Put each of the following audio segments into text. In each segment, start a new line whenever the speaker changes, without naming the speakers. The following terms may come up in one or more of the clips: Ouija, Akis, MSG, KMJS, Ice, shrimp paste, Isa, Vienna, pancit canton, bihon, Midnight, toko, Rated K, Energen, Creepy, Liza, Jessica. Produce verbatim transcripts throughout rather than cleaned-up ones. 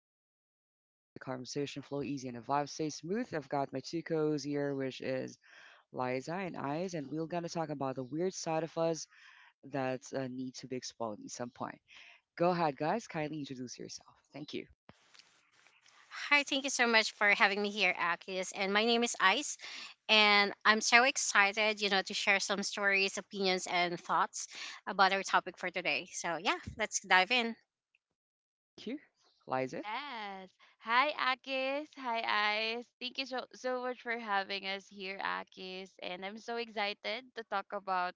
just stepped into a chill zone. The conversation flow easy and the vibe stays smooth. I've got my two co's here, which is Liza and Eyes, and we're gonna talk about the weird side of us that uh, need to be explored at some point. Go ahead, guys. Kindly introduce yourself. Thank you.
Hi, thank you so much for having me here, Akis. And my name is Ice, and I'm so excited, you know, to share some stories, opinions, and thoughts about our topic for today. So, yeah, let's dive in.
Thank you, Liza.
Yes. Hi, Akis. Hi, Ice. Thank you so, so much for having us here, Akis. And I'm so excited to talk about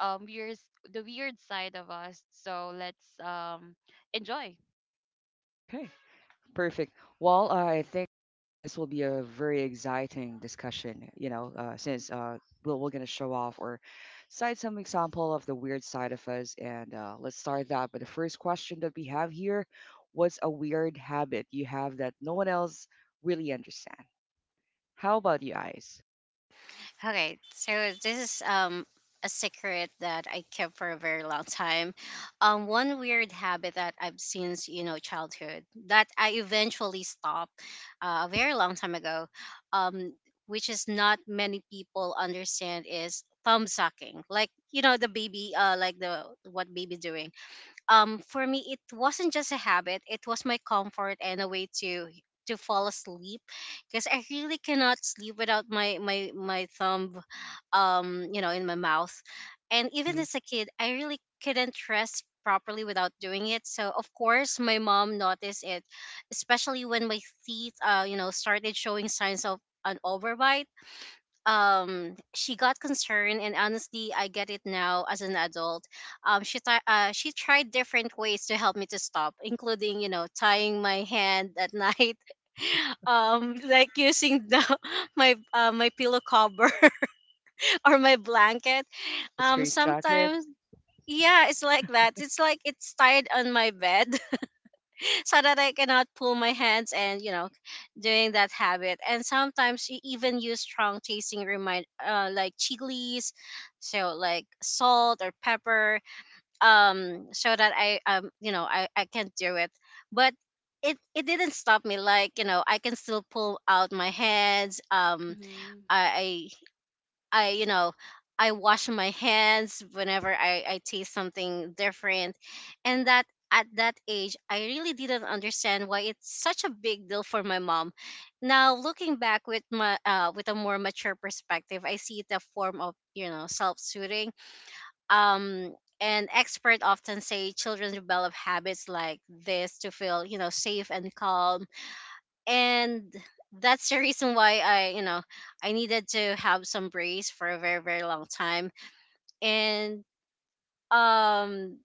um weird, the weird side of us. So let's um enjoy.
Okay. Perfect. Well, uh, I think uh, this will be a very exciting discussion, you know, uh, since uh, we're, we're going to show off or cite some example of the weird side of us. And uh, let's start that. But the first question that we have here, what's a weird habit you have that no one else really understand? How about you guys?
Okay, so this is um a secret that I kept for a very long time. Um, one weird habit that I've since you know childhood that I eventually stopped uh, a very long time ago, um, which is not many people understand is thumb sucking. Like you know the baby, uh, like the what baby doing um for me it wasn't just a habit, it was my comfort and a way to to fall asleep because I really cannot sleep without my my my thumb, um, you know, in my mouth. And even
hmm
as a kid I really couldn't rest properly without doing it, so of course my mom noticed it, especially when my teeth, uh, you know, started showing signs of an overbite. Um, she got concerned, and honestly I get it now as an adult. Um she ti uh, she tried different ways to help me to stop, including you know tying my hand at night.
Oh,
Um like using the my uh, my pillow cover or my blanket.
like a
Um
straight jacket?
sometimes, yeah, it's like that. It's like it's tied on my bed so that I cannot pull my hands and you know doing that habit. And sometimes she even use strong tasting remind uh, like chilies, so like salt or pepper, um, so that I, um, you know, I I can not do it, but. It, it didn't stop me. Like you know I can still pull out my hands. um
Mm-hmm.
I, I I, you know, I wash my hands whenever I, I taste something different, and that at that age I really didn't understand why it's such a big deal for my mom. Now looking back with my uh, with a more mature perspective, I see it a form of you know self soothing. Um, and experts often say children develop habits like this to feel you know safe and calm, and that's the reason why I, you know, I needed to have some brace for a very, very long time. And um,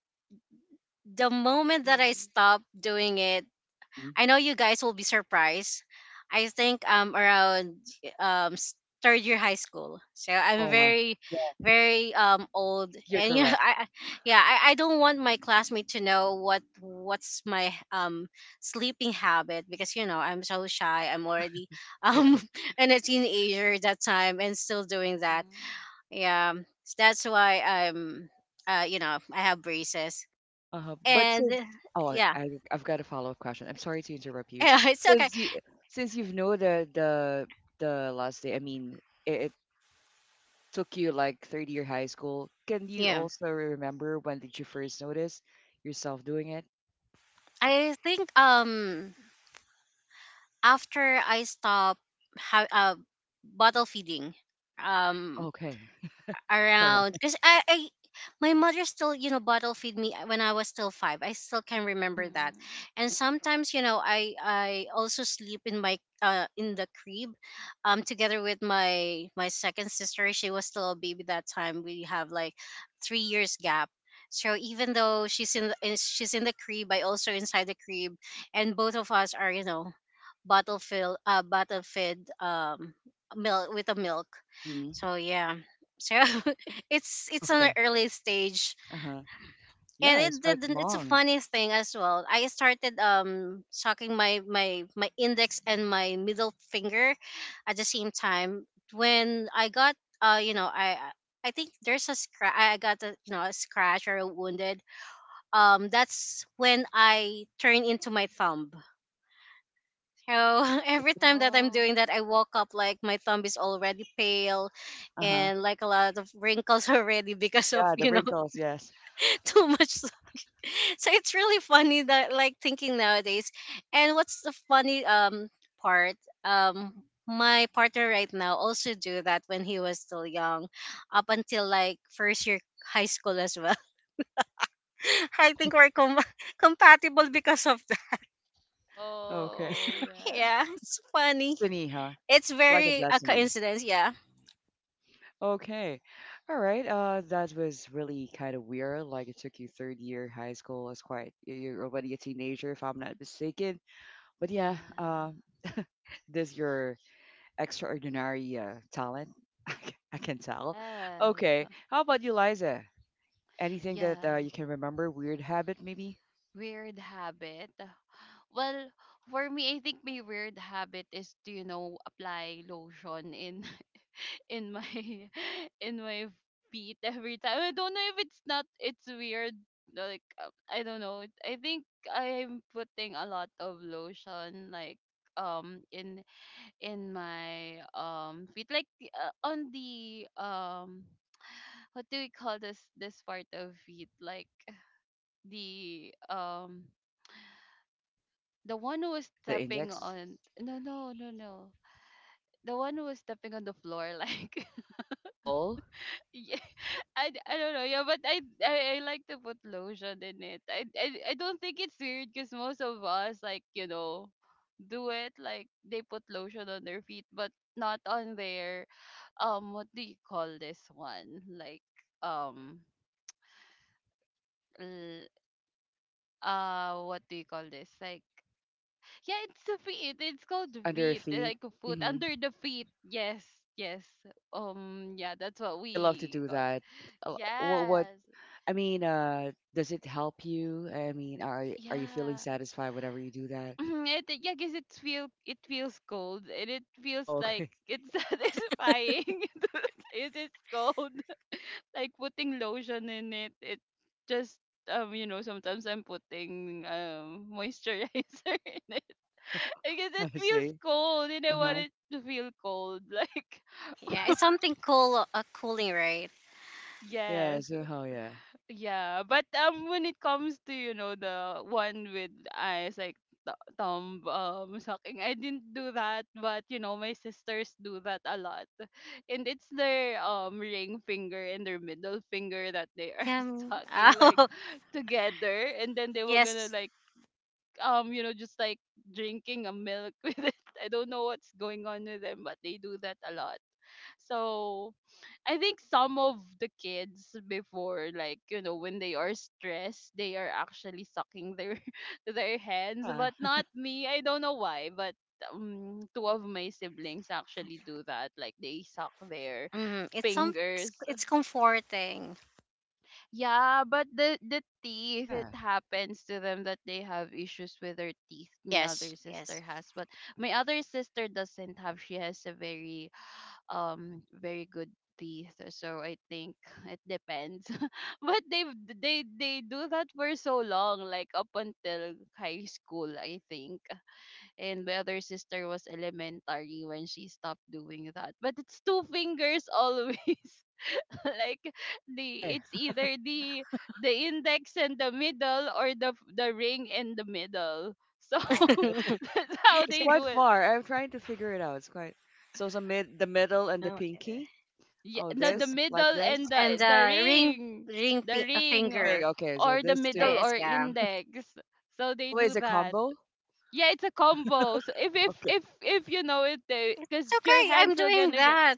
the moment that I
Mm-hmm.
stopped doing it,
hmm
I know you guys will be surprised. I think um around um s- third year high school. So I'm
Oh, my.
very,
Yeah,
very um old
you're
and you know
correct.
I I- yeah, I, I don't want my classmate to know what what's my um sleeping habit, because, you know, I'm so shy. I'm already um and a teenager that time and still doing that.
Mm-hmm.
Yeah. So that's why I'm, uh you know, I have braces.
Uh-huh. But since
And
oh, I
yeah.
I- I've got a follow-up question. I'm sorry to interrupt you.
Yeah, it's okay.
Since you since you've known the the the last day, I mean, it, it took you like third year high school. Can you
Yeah.
also remember when did you first notice yourself doing it?
I think um after I stop ha- uh, bottle feeding, um
Okay. All right.
around, because I, I my mother still you know bottle feed me when I was still five. I still can remember that.
Mm-hmm.
And sometimes, you know, i i also sleep in my uh in the crib, um, together with my my second sister. She was still a baby that time. We have like three years gap, so even though she's in the, is- she's in the crib, I also inside the crib, and both of us are you know bottle fill uh bottle fed, um, milk with a milk.
Mm-hmm.
So yeah. So it's it's on an
Okay.
early stage.
Uh-huh.
And
Yeah, it's
it did,
quite
it's a
long.
funny thing as well, I started um sucking my my my index and my middle finger at the same time. When I got, uh you know, i i I think there's a scratch, i I got a, you know, a scratch or a wounded, um, that's when I turn into my thumb. So every time that I'm doing
Oh.
that, I woke up like my thumb is already pale
Uh-huh.
and like a lot of wrinkles already, because of
Yeah, the
you know
wrinkles, yes.
too much. So so it's really funny that like thinking nowadays. And what's the funny um part, um, my partner right now also do that when he was still young, up until like first year high school as well. I think we're com- compatible because of that.
Okay.
Oh, yeah.
yeah, it's funny.
Destiny, huh?
It's
It's like a
very a
destiny.
coincidence. Yeah.
Okay. All right. Uh, that was really kind of weird. Like it took you third year high school. It's quite y- you're already a teenager, if I'm not mistaken. But yeah, uh,
Yeah.
this your extraordinary uh, talent. I c- I can tell. Okay.
Yes.
How about you, Liza? Anything that uh,
Yeah.
you can remember? Weird habit, maybe?
Weird habit. Well, for me, I think my weird habit is to, you know, apply lotion in in my in my feet every time. I don't know if it's not it's weird. Like uh, I don't know. I think I'm putting a lot of lotion like um in in my um feet like uh, on the um what do we call this this part of feet like the um the one who was
The
stepping
index,
on no no no no The one who was stepping on the floor like
sole
yeah, I, d- I don't know, yeah, but I, I I like to put lotion in it. I I, I don't think it's weird because most of us, like, you know, do it, like, they put lotion on their feet, but not on their um what do you call this one like um l- uh what do you call this like? Yeah, it's a feet. It's called
under your
feet, eh,
feet.
like a foot
Mm-hmm.
under the feet. Yes, yes. Um, yeah, that's what we
You love to do
got.
that. Uh, wh- what?
Yes,
I mean, uh, does it help you? I mean, are y- are you feeling
yeah.
satisfied whenever you do that?
It, yeah, cause it feel it feels cold and it feels
Oh,
like
okay.
it's satisfying. It is cold. Like putting lotion in it. It just um you know, sometimes I'm putting um moisturizer in it. I guess it
I
feels
see.
cold and I want
Uh-huh.
it to feel cold. Like
Yeah, it's something cool, a cooling, right?
Yeah,
Yes,
so oh yeah.
yeah, but um, when it comes to, you know, the one with eyes like th- thumb um sucking, I didn't do that, but you know my sisters do that a lot, and it's their um ring finger and their middle finger that they are
Yeah. Mm.
sucking like
oh,
together, and then they were gonna
yes.
like um you know, just like drinking a milk with it. I don't know what's going on with them, but they do that a lot. So I think some of the kids before, like, you know, when they are stressed, they are actually sucking their their hands,
Yeah.
but not me. I don't know why, but um, two of my siblings actually do that. Like they suck their
Mm, it's some, it's
fingers.
it's comforting.
Yeah, but the the teeth, it
Yeah.
happens to them that they have issues with their teeth. My
Yes,
other sister
yes.
has, but my other sister doesn't have. She has a very um very good teeth, so I think it depends, but they they they do that for so long, like up until high school, I think. And my other sister was elementary when she stopped doing that, but it's two fingers always. Like
Why?
the it's either the the index and the middle, or the the ring and the middle. So
Oh, it's,
that's how
it's
they
quite
do it.
far. I'm trying to figure it out. It's quite so it's a mid the middle and the
Oh,
pinky.
Yeah,
Oh,
the
so-
the
this like
middle
this.
and
and
the the
uh, ring,
ring,
ring
the
fi- a
ring,
The
uh,
ring.
finger.
Okay, so
or the
this
middle
Right.
too.
It's,
or
yeah,
index. So
It's
they do
always a
that.
combo.
Yeah, it's a combo. So if if
Okay,
if if you know it,
it's
because your
okay. I'm
hands are
doing
gonna get
that.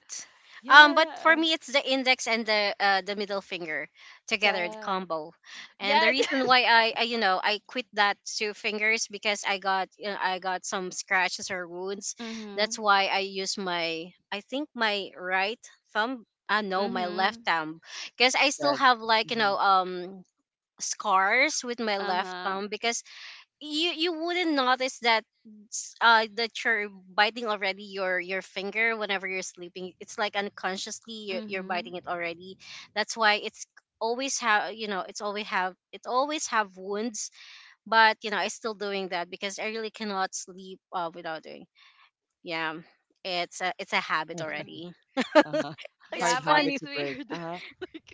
Um, but for
yeah,
me, it's the index and the uh, the middle finger together, the
yeah,
combo. And the
yeah.
reason why I, I you know, I quit that two fingers because I got, you know, I got some scratches or wounds. That's
Mhm.
why I use my I think my right thumb. Uh, no, my left
Mhm.
thumb, because I still
instead.
have like you
hmm
know um scars with my
Uh
left
huh.
thumb, because you you wouldn't notice that s- uh that you're biting already your your finger whenever you're sleeping. It's like unconsciously you're, you're
Mhm.
biting it already. That's why it's always have you know it's always have it always have wounds. But you know I still doing that because I really cannot sleep uh, without doing. Yeah, it's a, it's a habit
Okay.
Mhm.
already.
Uh-huh.
it's
Yeah,
Hard
but
habit
funny.
it's
to break.
weird.
Uh-huh.
Like,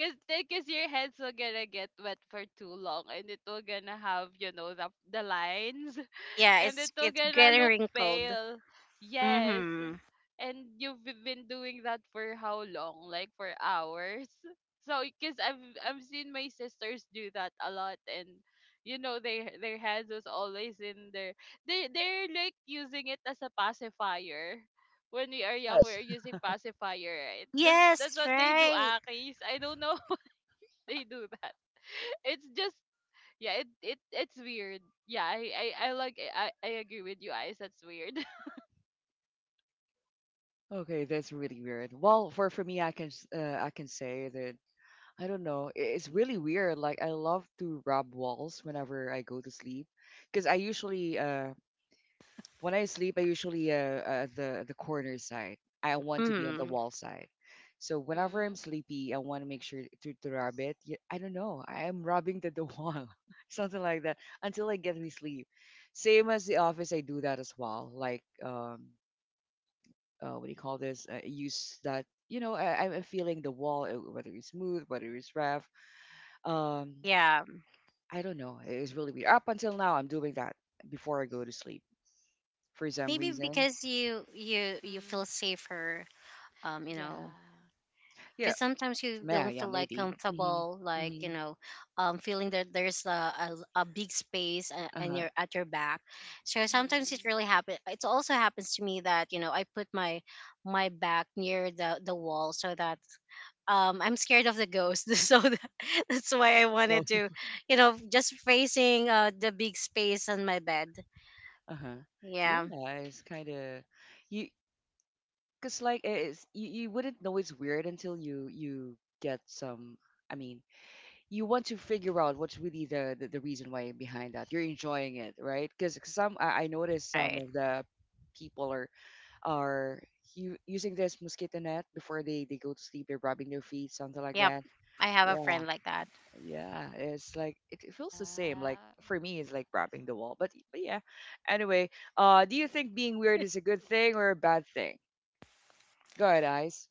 cause, cause your hands will gonna get wet for too long, and it will gonna have, you know, the the lines.
Yeah,
And it
it's
will
it's
gonna
getting
look
wrinkled.
pale. Yes.
Mm-hmm.
And you've b- been doing that for how long? Like for hours? So because I've I've seen my sisters do that a lot, and you know their their hands is always in their they they're like using it as a pacifier. When we are young
Yes.
we're using pacifier, right? That's that's
Yes,
what they do,
right.
Akis. I don't know they do that. It's just yeah, it, it it's weird. Yeah, i i, I like I, I agree with you, eyes, that's weird.
Okay, that's really weird. Well, for for me, I can s- uh, I can say that I don't know. i- It's really weird. Like I love to rub walls whenever I go to sleep, because I usually uh when I sleep I usually uh, uh the the corner side. I want to be on the
Mm,
wall side. So whenever I'm
Mhm.
sleepy, I want to make sure to to rub it. Yeah, I don't know. I am rubbing the, the wall, something like that, until I get me sleep. Same as the office, I do that as well. Like um uh, what do you call this? Uh, use that, you know, I, I'm feeling the wall, uh, whether it's smooth, whether it's rough. Um,
yeah,
I don't know. It's really weird. Up until now, I'm doing that before I go to sleep for
maybe
some
because
reason.
you you you feel
Mhm.
safer, um, you know,
Yeah.
Yeah,
because sometimes you
yeah,
don't
yeah,
feel like
maybe.
comfortable,
Mm-hmm.
like you
Mm-hmm.
know, um, feeling that there's a a, a big space a- and
Uh-huh.
you're at your back. So sometimes it
Mhm.
really happens. It also happens to me that you know I put my my back near the the wall so that um I'm scared of the ghost. So that, that's why I
Well,
wanted to, you know, just facing uh the big space on my bed.
uh-huh. Yeah,
Yeah.
it's kind of you, cause like it's you, you wouldn't know it's weird until you you get some. I mean, you want to figure out what's really the, the, the reason why behind that. You're enjoying it, right? Because some I, I noticed
All
some
right.
of the people are are u- using this mosquito net before they, they go to sleep. They're rubbing their feet, something like
Yep,
that.
I have a
Yeah,
friend like that.
yeah. It's like it, it feels the same. Like
Yeah.
for me, it's like rubbing the wall. But but yeah. Anyway, uh, do you think being weird is a good thing or a bad thing? Go ahead, Ice.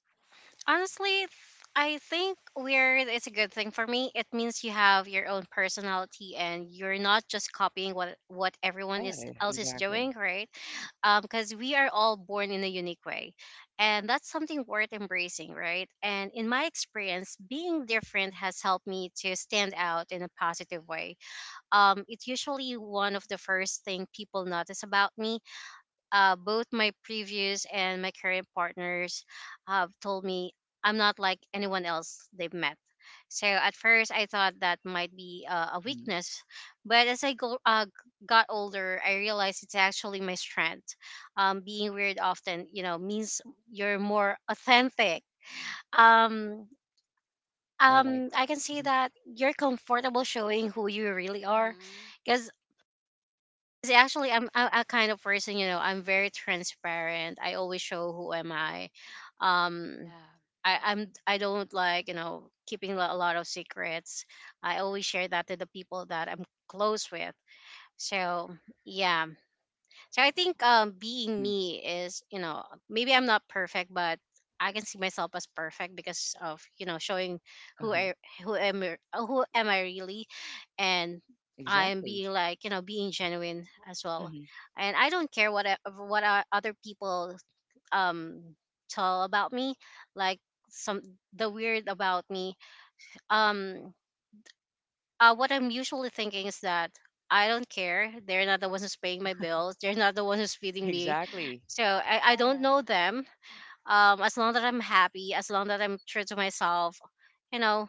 Honestly, th- I think weird is a good thing for me. It means you have your own personality, and you're not just copying what what everyone is
Yeah,
else is
exactly.
doing, right? Um, because we are all born in a unique way, and that's something worth embracing, right? And in my experience, being different has helped me to stand out in a positive way. Um, it's usually one of the first thing people notice about me, uh, both my previous and my current partners have told me I'm not like anyone else they've met. So at first I thought that might be uh, a
hmm
weakness, but as I go, uh, g- got older, I realized it's actually my strength. Um, being weird often, you know, means you're more authentic. Um,
I like
um, I
that.
can see
hmm
that you're comfortable showing who you really are,
Mhm.
because 'Cause actually I'm, I'm a kind of person, you know, I'm very transparent. I always show who am I, um,
Yeah.
I, I'm, I don't like you know keeping lo- a lot of secrets. I always share that to the people that I'm close with. So yeah, so I think um, being
hmm
me is, you know, maybe I'm not perfect, but I can see myself as perfect because of you know showing
Uh
who
huh.
I who am I- who am I really, and I'm
Exactly.
being like you know being genuine as well, and I don't care what I, of what o- other people um tell about me, like some the weird about me. Um, uh, what I'm usually thinking is that I don't care. They're not the ones who's paying my bills. They're not the ones who's feeding me.
Exactly.
So I, I don't know
Yes.
them. Um, as long as I'm happy, as long as I'm true to myself, you know,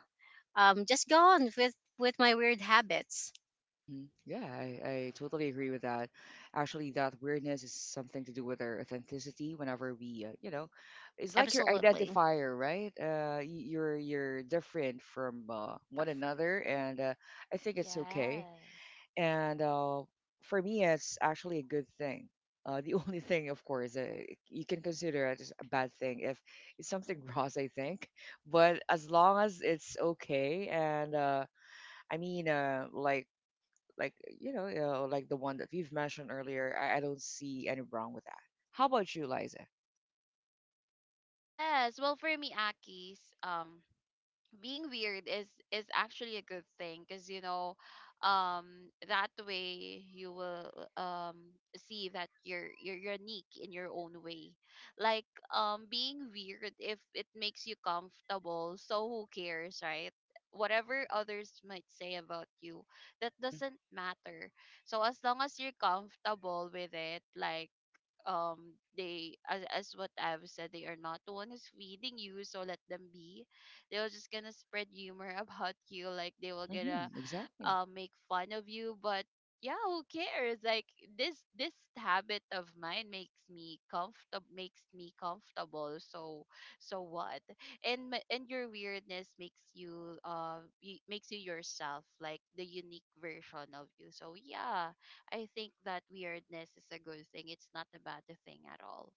um, just go on with with my weird habits.
hmm Yeah, I, I totally agree with that. Actually, that weirdness is something to do with our authenticity. Whenever we, uh, you know, it's like your
Absolutely
identifier, right? Uh, y- you're you're different from uh, one another, and uh, I think it's okay.
Yes.
And uh, for me, it's actually a good thing. Uh, the only thing, of course, uh, you can consider it as a bad thing if it's something gross, I think. But as long as it's okay and uh, I mean, uh, like like you know uh, like the one that you've mentioned earlier I, I don't see any wrong with that. How about you, Liza?
Yes. Well, for me, Aki's, um, being weird is is actually a good thing, because you know, um, that way you will um see that you're you're unique in your own way. Like, um, being weird, if it makes you comfortable, so who cares, right? Whatever others might say about you, that
hmm
doesn't matter. So as long as you're comfortable with it, like, um, they, as as what I've said, they are not the one who's feeding you, so let them be. They will just gonna spread humor about you, like they will gonna
hmm exactly.
uh, make fun of you, but yeah, who cares? Like this this habit of mine makes me comfortable, makes me comfortable. So so what? And my- and your weirdness makes you uh y- makes you yourself, like the unique version of you. So yeah, I think that weirdness is a good thing. It's not a bad thing at all.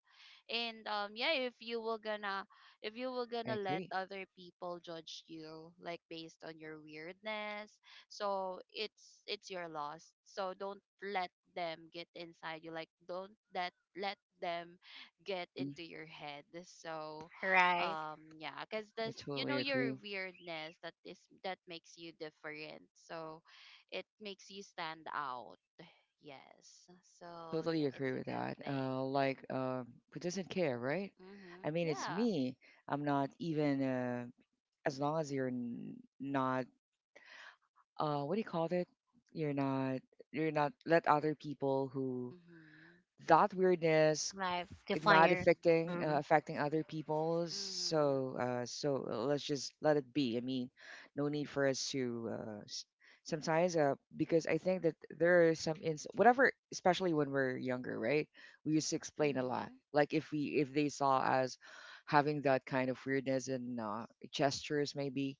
And um, yeah, if you were gonna if you were
I
gonna let
agree
other people judge you like based on your weirdness, so it's it's your loss. So don't let them get inside you. Like don't let let them get
hmm
into your head. So
right.
um, yeah, because
I
this, you
totally
know, your
agree
weirdness that is that makes you different. So it makes you stand out. Yes.
I
So
totally
yeah, it's
agree
a
with
good
that
thing.
uh like uh, who doesn't care, right? I
Mhm.
mean, it's
Yeah.
me. I'm not even uh as long as you're n- not uh what do you call it? You're not you're not let other people who
Mhm.
that weirdness
Life
it
define
not
your.
Mhm.
affecting uh,
Mm,
affecting other people.
Mhm.
So uh so uh, let's just let it be. I mean, no need for us to uh s- sometimes uh because I think that there are some ins whatever, especially when we're younger, right? We used to explain a lot,
Mhm.
like if we if they saw us having that kind of weirdness and uh, gestures maybe,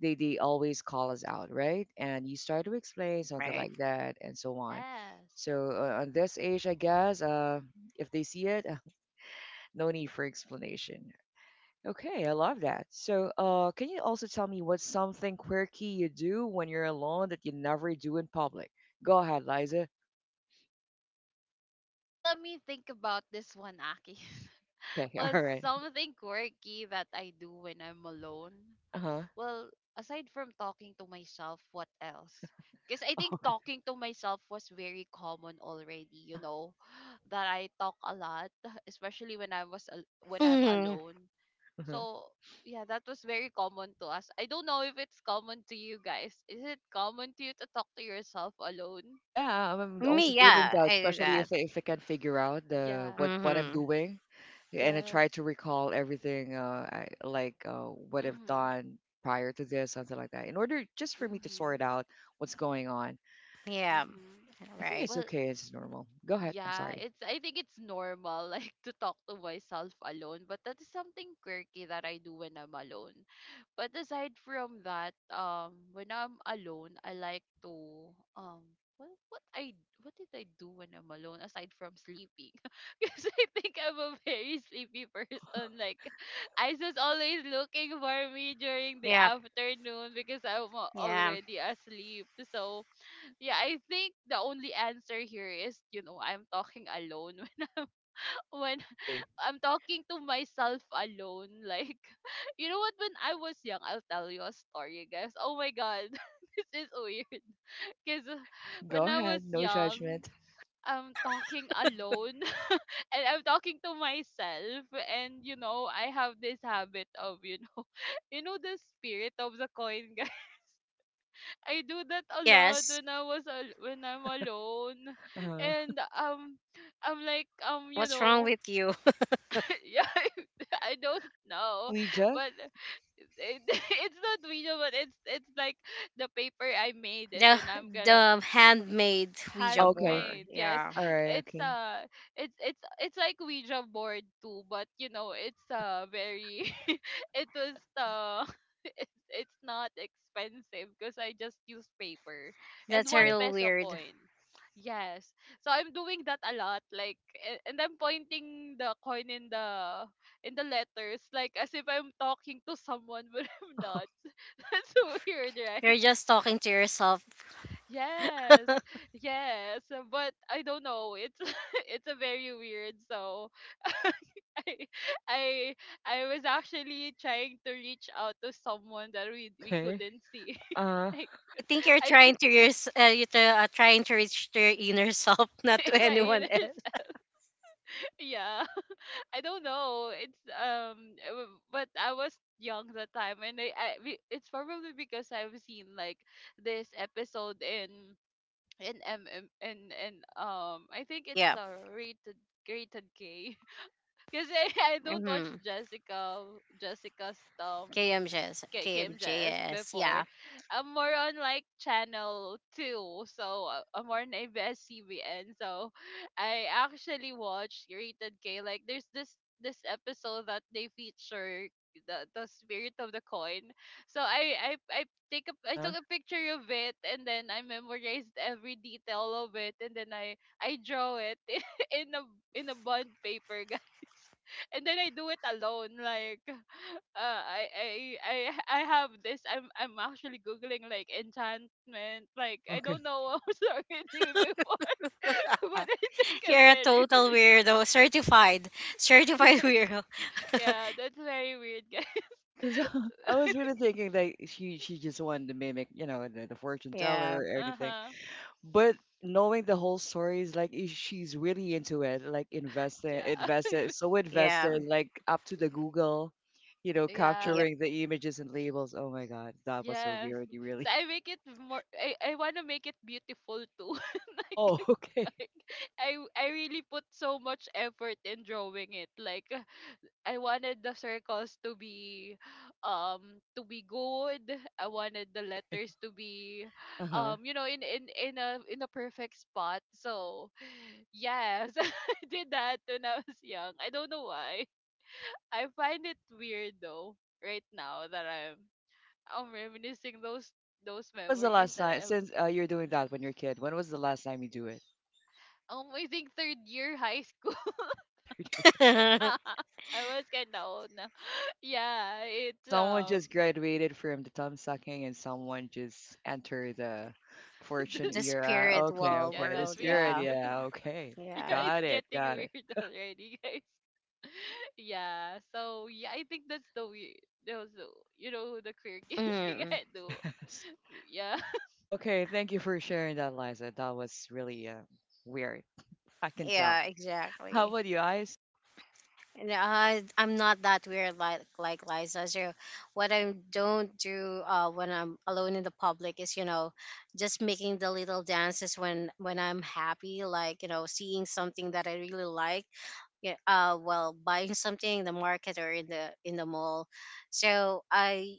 they they always call us out, right? And you start to explain something
right.
like that and so on.
Yes.
So uh, on this age I guess uh if they see it, no need for explanation. Okay, I love that. So, uh, can you also tell me what's something quirky you do when you're alone that you never do in public? Go ahead, Liza.
Well, let me think about this one, Aki.
Okay,
Was
all right.
something quirky that I do when I'm alone?
Uh-huh.
Well, aside from talking to myself, what else? Because I think
Okay.
talking to myself was very common already,
Uh-huh.
you know, that I talk a lot, especially when I was al- when I'm
Hmm.
alone.
Uh-huh.
So yeah, that was very common to us. I don't know if it's common to you guys. Is it common to you to talk to yourself alone?
Yeah, I'm I'm also
Me,
doing
yeah,
that,
I do
especially if
that.
I, if I can figure out
Yeah.
the what what I'm
Hmm.
doing, and I
Yes.
try to recall everything uh I, like uh what I've
Mhm.
done prior to this, something like that, in order just for me to sort
Mhm.
out what's going on.
Yeah,
Mhm.
I think
right.
it's
Well,
okay. It's normal. Go ahead. I'm
yeah,
sorry.
it's I think it's normal like to talk to myself alone, but that is something quirky that I do when I'm alone. But aside from that, um, when I'm alone, I like to um what what I what did I do when I'm alone aside from sleeping? Because I think I'm a very sleepy
Oh,
person. Like Isa's always looking for me during the
Yeah,
afternoon because I'm a-
yeah.
already asleep. So yeah, I think the only answer here is, you know, I'm talking alone when when
see.
I'm talking to myself alone. Like, you know what? When I was young, I'll tell you a story, guys. Oh my god, this is weird. Cause uh,
Go
when I
ahead.
was
No judgment.
young, I'm talking alone and I'm talking to myself. And you know, I have this habit of, you know, you know, the spirit of the coin, I do that a lot
Yes.
when I was al- when I'm alone,
Uh-huh.
and um, I'm like um, you
What's wrong
know,
with you?
yeah, I don't
The
know,
Ouija.
but it, it's not video, but it's it's like the paper I made, and
The
then I'm gonna
the handmade Ouija
Okay.
board.
handmade. Yes,
Yeah,
All right.
it's
Okay.
uh, it's it's it's like Ouija board too, but you know, it's uh, very it was the it's, it's not expensive because I just use paper and
that's a
one
Okay.
real
peso
weird.
coin. Yes. So I'm doing that a lot, like, a- and I'm pointing the coin in the in the letters, like as if I'm talking to someone but I'm not. That's so weird, right?
You're just talking to yourself.
Yes. Yes, but I don't know. It's it's a very weird. So I I was actually trying to reach out to someone that we we
okay.
couldn't see.
Uh
Like
I think you're
I
trying to your uh, you're try- uh, trying to reach to your inner self, not to
in my
anyone else.
ears. Yeah. I don't know. It's um, I w- but I was young that time, and I, I we- it's probably because I've seen like this episode in in M M and and um, I think it's
Yeah.
a rated rated K. Because I, I don't watch
Mm-hmm.
Jessica Jessica's um s-
K M J S.
K- KMJS
K M J S.
before.
Yeah.
I'm more on like channel two, so uh, I'm more on abs. So I actually watched Rated K. Like there's this this episode that they feature the the spirit of the coin. So I I I take a I
huh.
took a picture of it, and then I memorized every detail of it, and then I I draw it in a in a bond paper and then I do it alone. Like, uh, I, I, I, I have this. I'm, I'm actually googling like enchantment. Like, I
Okay.
don't know what I was talking to you before, but I think I'm
You're a
very
total
weird.
weirdo. Certified. Certified weirdo.
Yeah, that's very weird, guys.
Because I was really thinking that she she just wanted to mimic, you know, the, the fortune teller
Yeah.
or
Uh
anything.
huh.
But knowing the whole story is like i- she's really into it, like invested,
Yeah.
invested, so
Yeah.
invested, like up to the Google, you know,
Yeah.
Yep.
capturing the images and labels. Oh my God, that was so
Yes.
weird. You really.
So I make it more. I, I wanna make it beautiful too. Like.
Oh, okay.
I I I really put so much effort in drawing it. Like uh, I wanted the circles to be um to be good. I wanted the
Okay.
letters to be
Uh-huh.
um you know in in in a in a perfect spot. So, yes, I did that when I was young. I don't know why. I find it weird though right now that I'm I'm reminiscing those those
When was the
memories
last
that
time
I have.
since uh, you're doing that when you're a kid? When was the last time you do it?
Um, I think third year high school.
the
I was kind of old now. Yeah, it's
Since someone
um
just graduated from the thumb sucking and someone just entered the fortune era. Okay,
spiritual
yeah,
okay. The
that's
world.
weird.
spirit,
Yeah.
Well,
yeah, okay.
Yeah.
yeah, it's
Got it,
getting
got it.
weird already, guys. Yeah, so yeah, I think that's the weird. Those, you know, the quirky thing
Mm.
I do.
Yes.
Yeah.
Okay, thank you for sharing that, Liza. That was really uh, weird. I can tell.
Yeah.
How
Exactly.
about you, Ice?
And I, I'm not that weird like like Liza. So what I don't do uh, when I'm alone in the public is, you know, just making the little dances when when I'm happy, like you know seeing something that I really like. Yeah, uh, well, buying something in the market or in the in the mall. So I,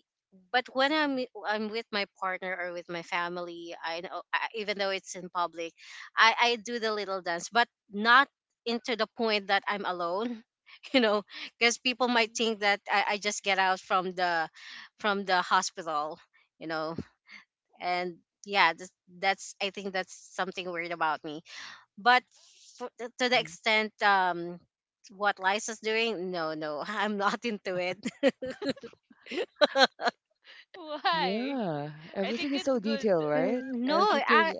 but when I'm I'm with my partner or with my family, I know I, even though it's in public, I I do the little dance, but not into the point that I'm alone. You know, because people might
Mhm.
think that I, I just get out from the from the hospital. You know, and yeah, that's, that's I think that's something weird about me, but f- to the
hmm
extent, um what Lisa's doing, no, no, I'm not into it.
Why?
Yeah,
I
everything
think
is
it's
so
good.
detailed, right?
N- No,
If you could.
I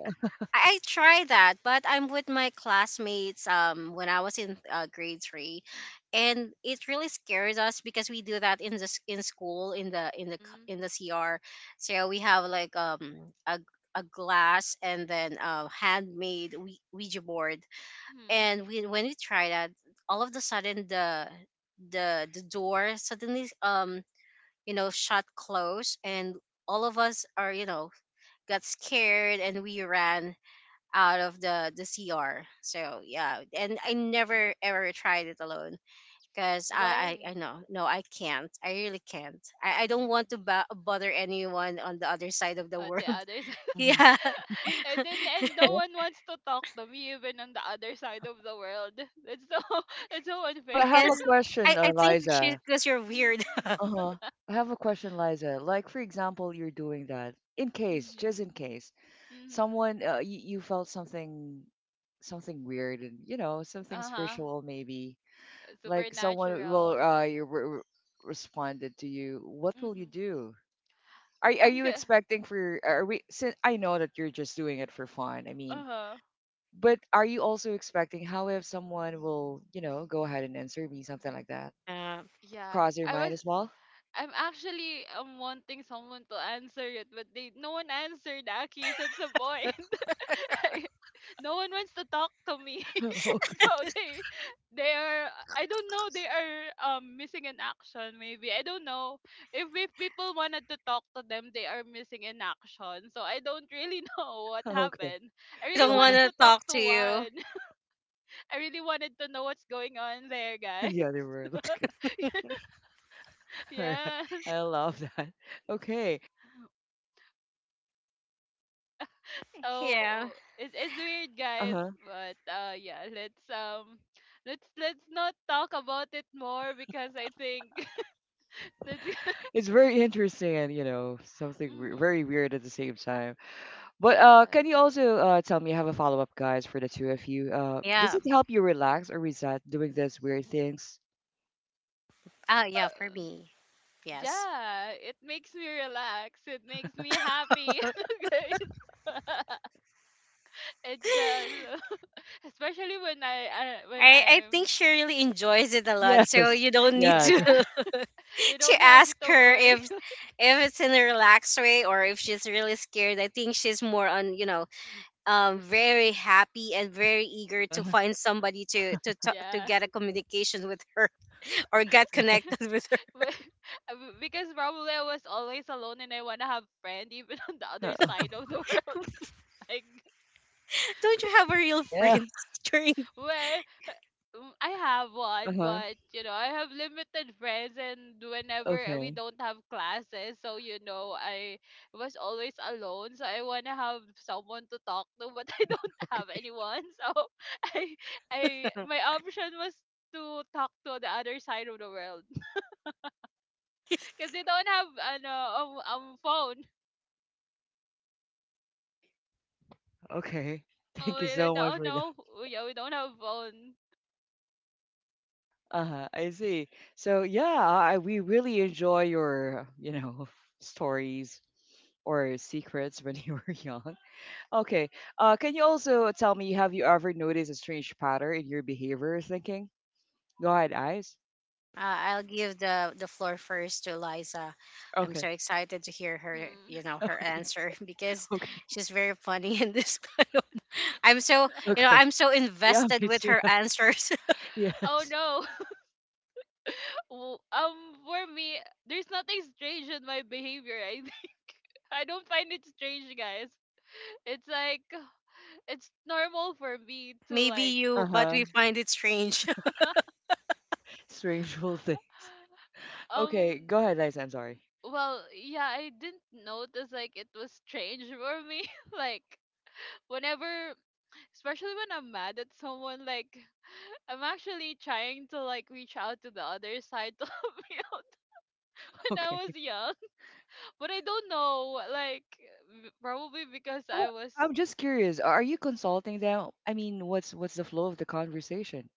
I try that, but I'm with my classmates um when I was in uh, grade three, and it really scares us because we do that in the s- in school in the in the c-
Mm-hmm.
in the C R. So we have like um a a glass and then a handmade Ouija board,
Mm-hmm.
and we, when we tried that, all of the sudden, the the the door suddenly um you know shut close, and all of us are, you know got scared, and we ran out of the the cr. So yeah, and I
Hmm.
never ever tried it alone because I, I
Why?
i know. No, i can't. I really can't. I, I don't want
Mm.
to bo- bother anyone on the other side of the
Uh, the
world.
other side.
Mhm.
Yeah.
and then and no
Yeah.
one wants to talk to me even on the other side of the world. That's so that's so unfair.
But I have a
Because I,
question,
I
uh,
think
Liza.
because you're weird.
Uh-huh. I have a question, Liza. Like, for example, you're doing that in case, just in
Mm-hmm.
case,
Mm-hmm.
someone uh, you, you felt something, something weird, and you know, something
Uh-huh.
spiritual, maybe.
S-
Like someone will
Supernatural.
uh, you re- re- responded to you. What will you
Mm-hmm.
do? Are are
I'm
you
good.
expecting for? Are we? Since I know that you're just doing it for fun. I mean,
Uh-huh.
but are you also expecting how if someone will, you know, go ahead and answer me something like that?
Yeah.
Did it
Yeah.
cross your
I
mind
was
as well?
I'm actually um wanting someone to answer it, but they no one answered Aki, so that's the point. No one wants to talk to me. So
okay.
they they are I don't know, they are um missing in action maybe. I don't know. If if people wanted to talk to them, they are missing in action. So I don't really know what
Okay.
happened. I
I
really
don't want
Okay.
wanted
to
to talk
talk
to
to you.
one. I really wanted to know what's going on there,
the
guys.
other world. Okay. All right.
Yes.
I love that. Okay.
Yeah.
Yeah.
So it's it's weird,
Uh
guys.
huh.
But uh, yeah, let's um, let's let's not talk about it more because I think that's.
It's very interesting and, you know, something w very
Mm-hmm.
weird at the same time. But uh, can you
Yes.
also uh, tell me, I have a follow-up, guys, for the two of you. Uh, does
Yeah.
it
Mm-hmm.
help you relax or reset doing these weird things?
Ah, yeah,
Well,
for me. Yes.
yeah, it makes me relax. It makes me happy, guys. It's
I
just especially when I, I when
I
I'm
think she really enjoys it a lot,
Yes.
so you don't need
Yes.
to
yeah, you
to
don't have
ask
to
her if
worry.
if it's in a relaxed way or if she's really scared. I think she's more on, you know um very happy and very eager to
Uh-huh.
find somebody to to talk, to
Yeah.
get a communication with her, or get connected with her.
But- because probably I was always alone and I want to have friend even on the other
Uh-uh.
side of the world. Like,
Don't you have a real
Yeah.
friend during?
well, mm, I have one,
Uh-huh.
but you know, I have limited friends and whenever we
Okay.
don't have classes, so you know, I was always alone, so I want to have someone to talk to, but I don't have
Okay.
anyone. So I I my option was to talk to the other side of the world because they don't have ano um, um phone.
Okay.
Oh,
Thank you so
and
much
I
for
do yeah, we don't have phone.
uh-huh, I see. So yeah, I, we really enjoy your, you know, stories or secrets when you were young. Okay. Uh, can you also tell me, have you ever noticed a strange pattern in your behavior or thinking? Go ahead, eyes.
Uh, I'll give the the floor first to Eliza. I'm so
Okay.
excited to hear her,
Mm-hmm.
you know, her
Okay.
answer because
Okay.
she's very funny in this kind of. I'm so, you know,
Okay.
I'm so
Yeah,
invested
me
with
too.
her answers.
Oh
Yes.
no. W- Um, for me, there's nothing strange in my behavior. I think I don't find it strange, guys. It's like it's normal for me to
Maybe
like,
you, but
Uh-huh.
we find it strange.
Strangeful things. Okay,
um,
go ahead, eyes. I'm sorry.
well, yeah, I didn't notice like it was strange for me. Like whenever, especially when I'm mad at someone, like I'm actually trying to like reach out to the other side to help me out when I
Okay.
was young. But I don't know, like w- probably because
So
I
what
was
I'm just curious, are you consulting them? I mean, what's what's the flow of the conversation?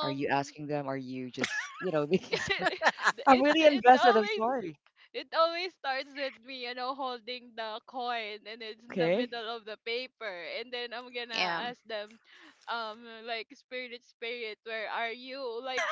Are you asking them? Are you just, you know, making sorry? I'm
it
really
it
invested. I'm
always
sorry.
it always starts with me, you know, holding the coin and it's in the
Okay.
middle of the paper and then I'm
Yeah,
gonna ask them, um, like spirit spirit, where are you? Like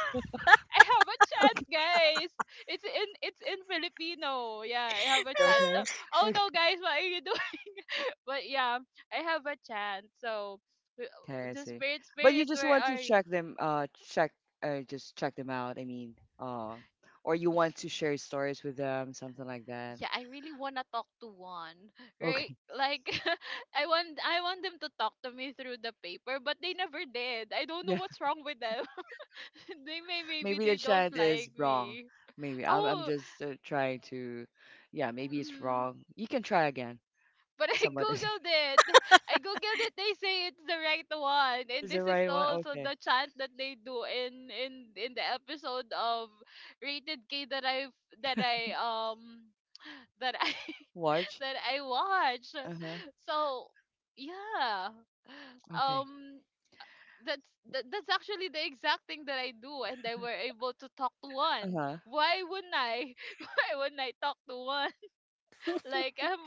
I have a chant,
Okay.
guys. It's in it's in Filipino. Yeah, I have a
Okay.
chant. Oh,
Okay.
oh no,
Okay.
guys, what are you doing? But yeah, I have a chant. So w-
Okay. I
the
see.
spirit,
But you
spirit,
just
where
want to
are you?
check them, uh, check, uh, just check them out. I mean, uh, or you want to share stories with them, something like that.
Yeah, I really wanna talk to one, right?
Okay.
Like, I want, I want them to talk to me through the paper, but they never did. I don't know
Yeah.
what's wrong with them. they may, maybe
Maybe the
they don't
chant is
like
wrong.
me.
Maybe I'm, I'm
Oh,
just uh, trying to, yeah, maybe it's
mm-hmm.
wrong. You can try again.
But I
Somebody
googled it. I googled it. They say it's the right one, and
is the
this is
right one.
also
Okay.
the chant that they do in in in the episode of Rated K that I that I um that I
Watch.
that I watch.
Uh huh.
So yeah,
Okay.
um, that's that, that's actually the exact thing that I do, and I were able to talk to
Uh
one.
huh.
Why wouldn't I? Why wouldn't I talk to one? Like I'm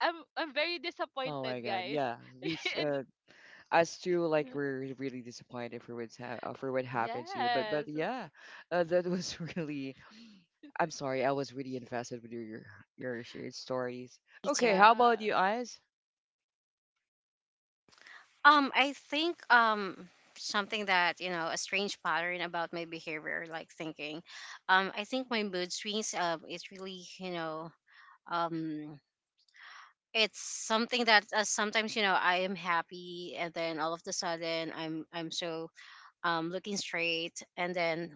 I'm I'm very
Oh
disappointed,
my God,
guys.
yeah. We s-
And-
uh, as to like we're really disappointed for what's ha- uh, for what happened to you, but but
yes.
yeah, uh, that was really. I'm sorry, I was really invested with your your your shared stories.
me
Okay,
too.
how
Yeah.
about you, eyes?
Um, I think um something that, you know, a strange pattern about my behavior, like thinking. Um, I think my mood swings, Um, is really, you know um it's something that, uh, sometimes, you know, I am happy, and then all of the sudden, I'm I'm so, um looking straight, and then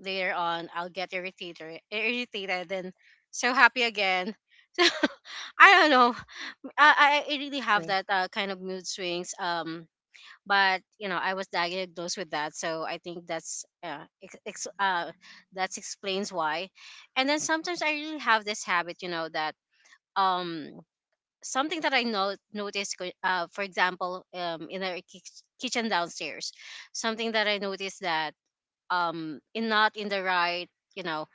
later on I'll get irritated irritated, then so happy again. So I don't know. I I I really have
Okay.
that, uh, kind of mood swings. Um, but you know, I was diagnosed with that, so I think that's, uh, ex- ex- uh that explains why. And then sometimes I really have this habit, you know, that, um something that I not noticed, go- uh, for example, um, in our kich- kitchen downstairs, something that I noticed that, um, in, not in the right, you know,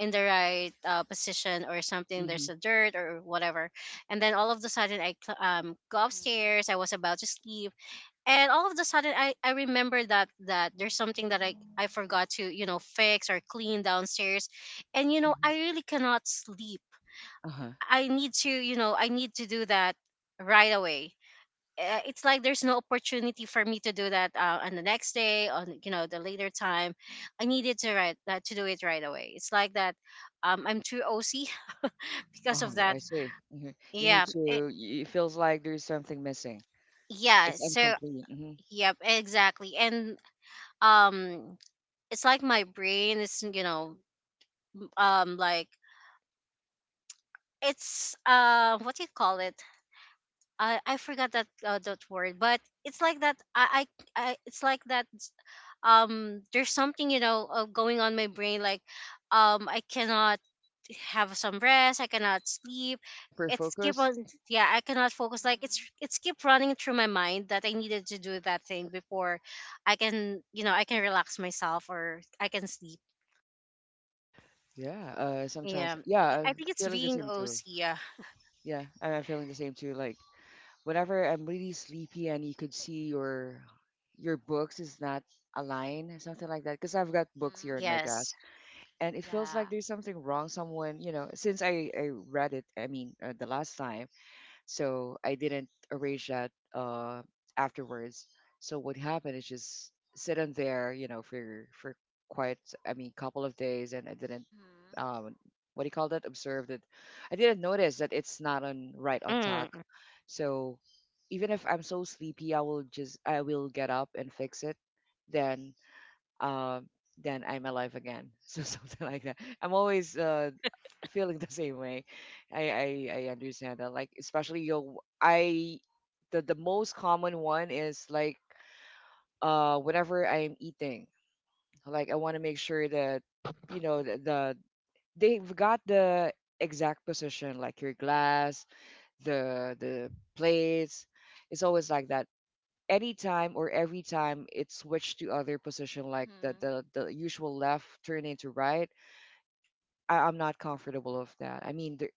in the right, uh, position, or something,
Mm-hmm.
there's a dirt or whatever, and then all of the sudden I cl- um, go
Mhm.
upstairs. I was about to sleep, and all of the sudden I I remember that, that there's something that I I forgot to, you know fix or clean downstairs, and, you know
Hmm.
I really cannot sleep.
Uh-huh.
I need to, you know, I need to do that right away. Uh, It's like there's no opportunity for me to do that, uh, on the next day, on, you know the later time. I needed to write that to do it right away. It's like that. Um, I'm too O C because of
Oh,
that.
I see. Hmm. You need
Yeah, eh,
to. y-
Mhm.
It feels like there's something missing.
yeah.
It's
So
incomplete. Mm-hmm.
yep, exactly. And, um, it's like my brain is, you know um like, it's, uh what do you call it? I I forgot that, uh, that word, but it's like that. I I, I It's like that. Um there's something, you know, uh, going on my brain, like, um I cannot have some rest. I cannot sleep.
Hyper
It's keep on—
focus.
yeah, I cannot focus, like, it's
Mhm.
it's keep running through my mind that I needed to do that thing before I can, you know I can relax myself or I can sleep.
Yeah. Uh. Sometimes.
Yeah. Yeah,
Yeah.
I
I'm
think it's
feeling the
being
same too.
O C. Yeah.
Yeah. I'm feeling the same too. Like, whenever I'm really sleepy and you could see your your books is not aligned, something like that. Because I've got books here on
Mhm.
my
Yes.
desk, and it feels like
Yeah.
there's something wrong. Someone, you know, since I I read it, I mean, uh, the last time, so I didn't arrange that uh, afterwards. So what happened is just sit on there, you know, for for quite, I mean couple of days, and I didn't
Mhm.
um, what do you call that? Observe that I didn't notice that it's not on right on tack.
Mm.
So even if I'm so sleepy, I will just I will get up and fix it. Then um, then I'm alive again. So something like that. I'm always uh, feeling the same way. I, I I understand that. Like especially yo, I, the the most common one is like uh whenever I'm eating, like I want to make sure that you know the, the they've got the exact position, like your glass, the the plates. It's always like that. Anytime or every time it's switched to other position, like the
Mhm.
the the usual left turn into right. I, I'm not comfortable with that. I mean, there,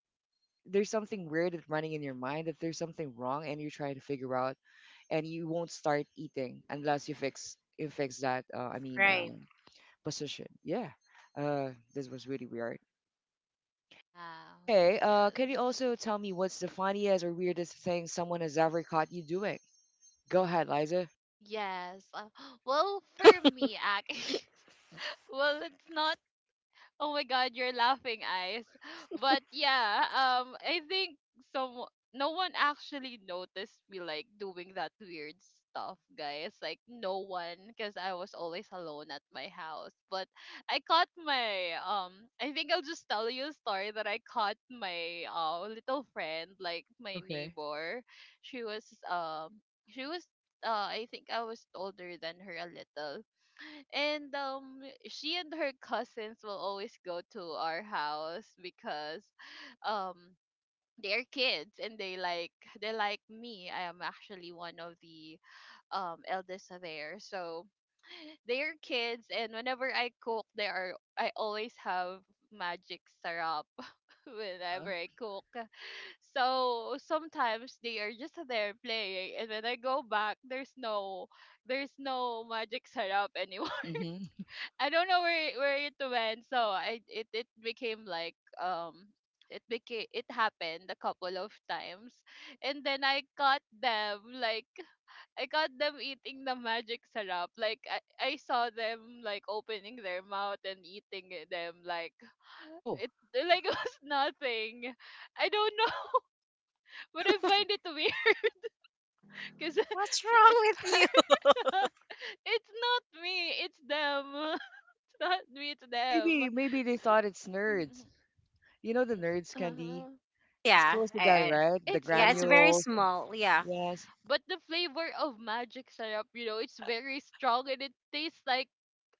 there's something weird that's running in your mind that there's something wrong and you're trying to figure out and you won't start eating unless you fix you fix that uh, I mean
Right.
um, position, yeah. Uh, this was really weird.
Yeah.
Okay, uh
Yes.
can you also tell me what's the funniest or weirdest thing someone has ever caught you doing? Go ahead, Liza.
Yes. Uh, well, for me, actually, well, it's not oh my god, you're laughing, eyes. But yeah, um, I think some no one actually noticed me like doing that weird stuff, guys. Like no one, because I was always alone at my house. But I caught my um. I think I'll just tell you a story that I caught my uh little friend, like my
Okay.
neighbor. She was um. She was uh. I think I was older than her a little, and um she and her cousins will always go to our house because um they're kids and they like they like me. I am actually one of the um eldest of there. So they're kids and whenever I cook there are I always have magic syrup
Uh-huh.
whenever I cook. So sometimes they are just there playing and when I go back there's no there's no magic syrup.
Mm-hmm.
I don't know where it- where it went. So I it it became like um it became it happened a couple of times, and then I caught them like I caught them eating the magic syrup. Like I I saw them like opening their mouth and eating it- them like
Oh,
it like it was nothing. I don't know, but I find it weird because
What's wrong with you?
it's not me, it's them. It's not me, it's
maybe
them.
maybe they thought it's nerds, you know, the nerds candy.
Uh-huh.
It's
Yeah.
close to
I,
that,
I
right? The
It's
Yeah, it's very
not.
granules.
small. Yeah.
Yes.
But the flavor of magic syrup, you know, it's very strong and it tastes like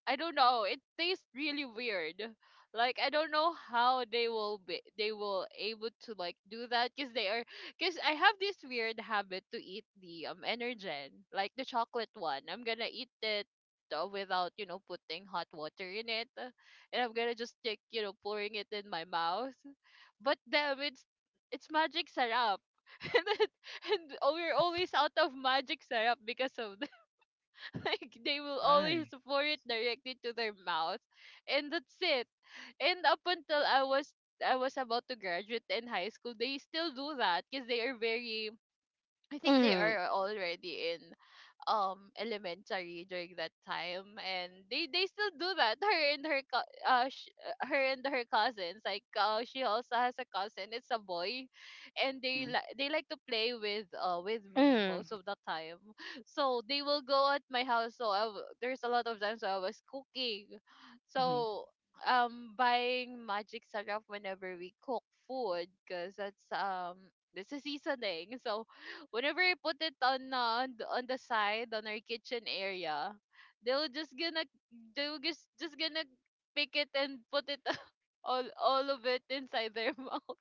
I don't know. It tastes really weird. Like I don't know how they will be they will able to like do that because they are because I have this weird habit to eat the um Energen like the chocolate one. I'm gonna eat it uh, without you know putting hot water in it, uh, and I'm gonna just take you know pouring it in my mouth. But damn, it's it's magic syrup. And, then- and oh,
Yeah.
we're always out of magic syrup because of like they will always
Why?
pour it directly to their mouth, and that's it, and up until i was i was about to graduate in high school they still do that because they are very I think they
Mm,
are already in um elementary during that time and they they still do that, her and her co- uh sh- uh, her and her cousins, like uh, she also has a cousin, it's a boy, and they
Mm-hmm.
like they like to play with uh with me most
mm,
of the time, so they will go at my house, so I w- there's a lot of times I was cooking.
Mm-hmm.
So um buying magic syrup whenever we cook food because that's um it's a seasoning. So whenever I put it on uh, on the- on the side, on our kitchen area, they'll just gonna they'll just just gonna pick it and put it all all of it inside their mouth.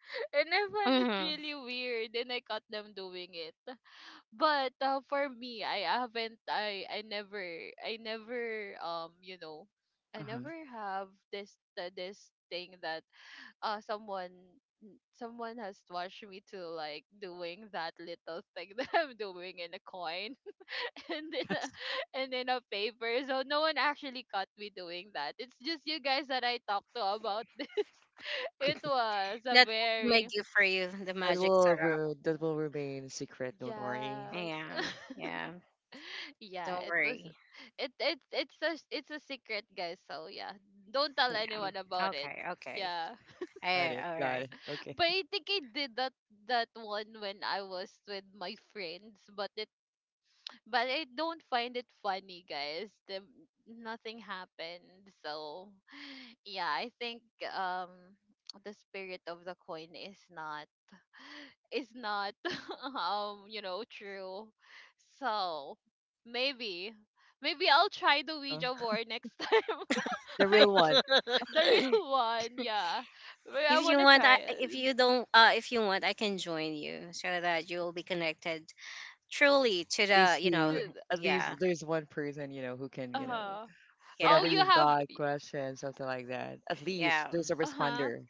And I find it
mm.
really weird, and I caught them doing it. But uh, for me, I haven't I I never I never um you know I
Uh-huh.
never have this uh, this thing that uh someone someone has watched me to like doing that little thing that I'm doing in a coin and in a,
Yes.
and in a paper. So no one actually caught me doing that. It's just you guys that I talked to about this.
Okay.
It was a
That will be my
very
gift for you, the
That
magic
will
syrup.
re- that will remain secret. Don't worry.
Yeah,
yes.
yeah.
Yeah,
Don't
it was
worry.
it it's it's a it's a secret, guys. So yeah, don't tell anyone
Yeah.
about it.
Okay, okay.
Yeah.
Got
Eh,
it.
all
Got
right.
it. Okay.
But I think I did that that one when I was with my friends, but it but I don't find it funny, guys. The nothing happened. So yeah, I think um the spirit of the coin is not is not um, you know, true. So maybe maybe I'll try the
Uh-huh.
Ouija board next time.
The real
Like
one.
the real one, yeah. But I
If you
wanna
want, I,
try
if
it.
you don't, uh, if you want, I can join you so that you will be connected truly to
At
the,
least
you know,
who.
To,
At least
yeah,
there's one person you know who can you know
uh-huh. Oh
whenever
yeah,
you
you've
have
got questions something like that. At least
yeah,
there's a
uh-huh.
responder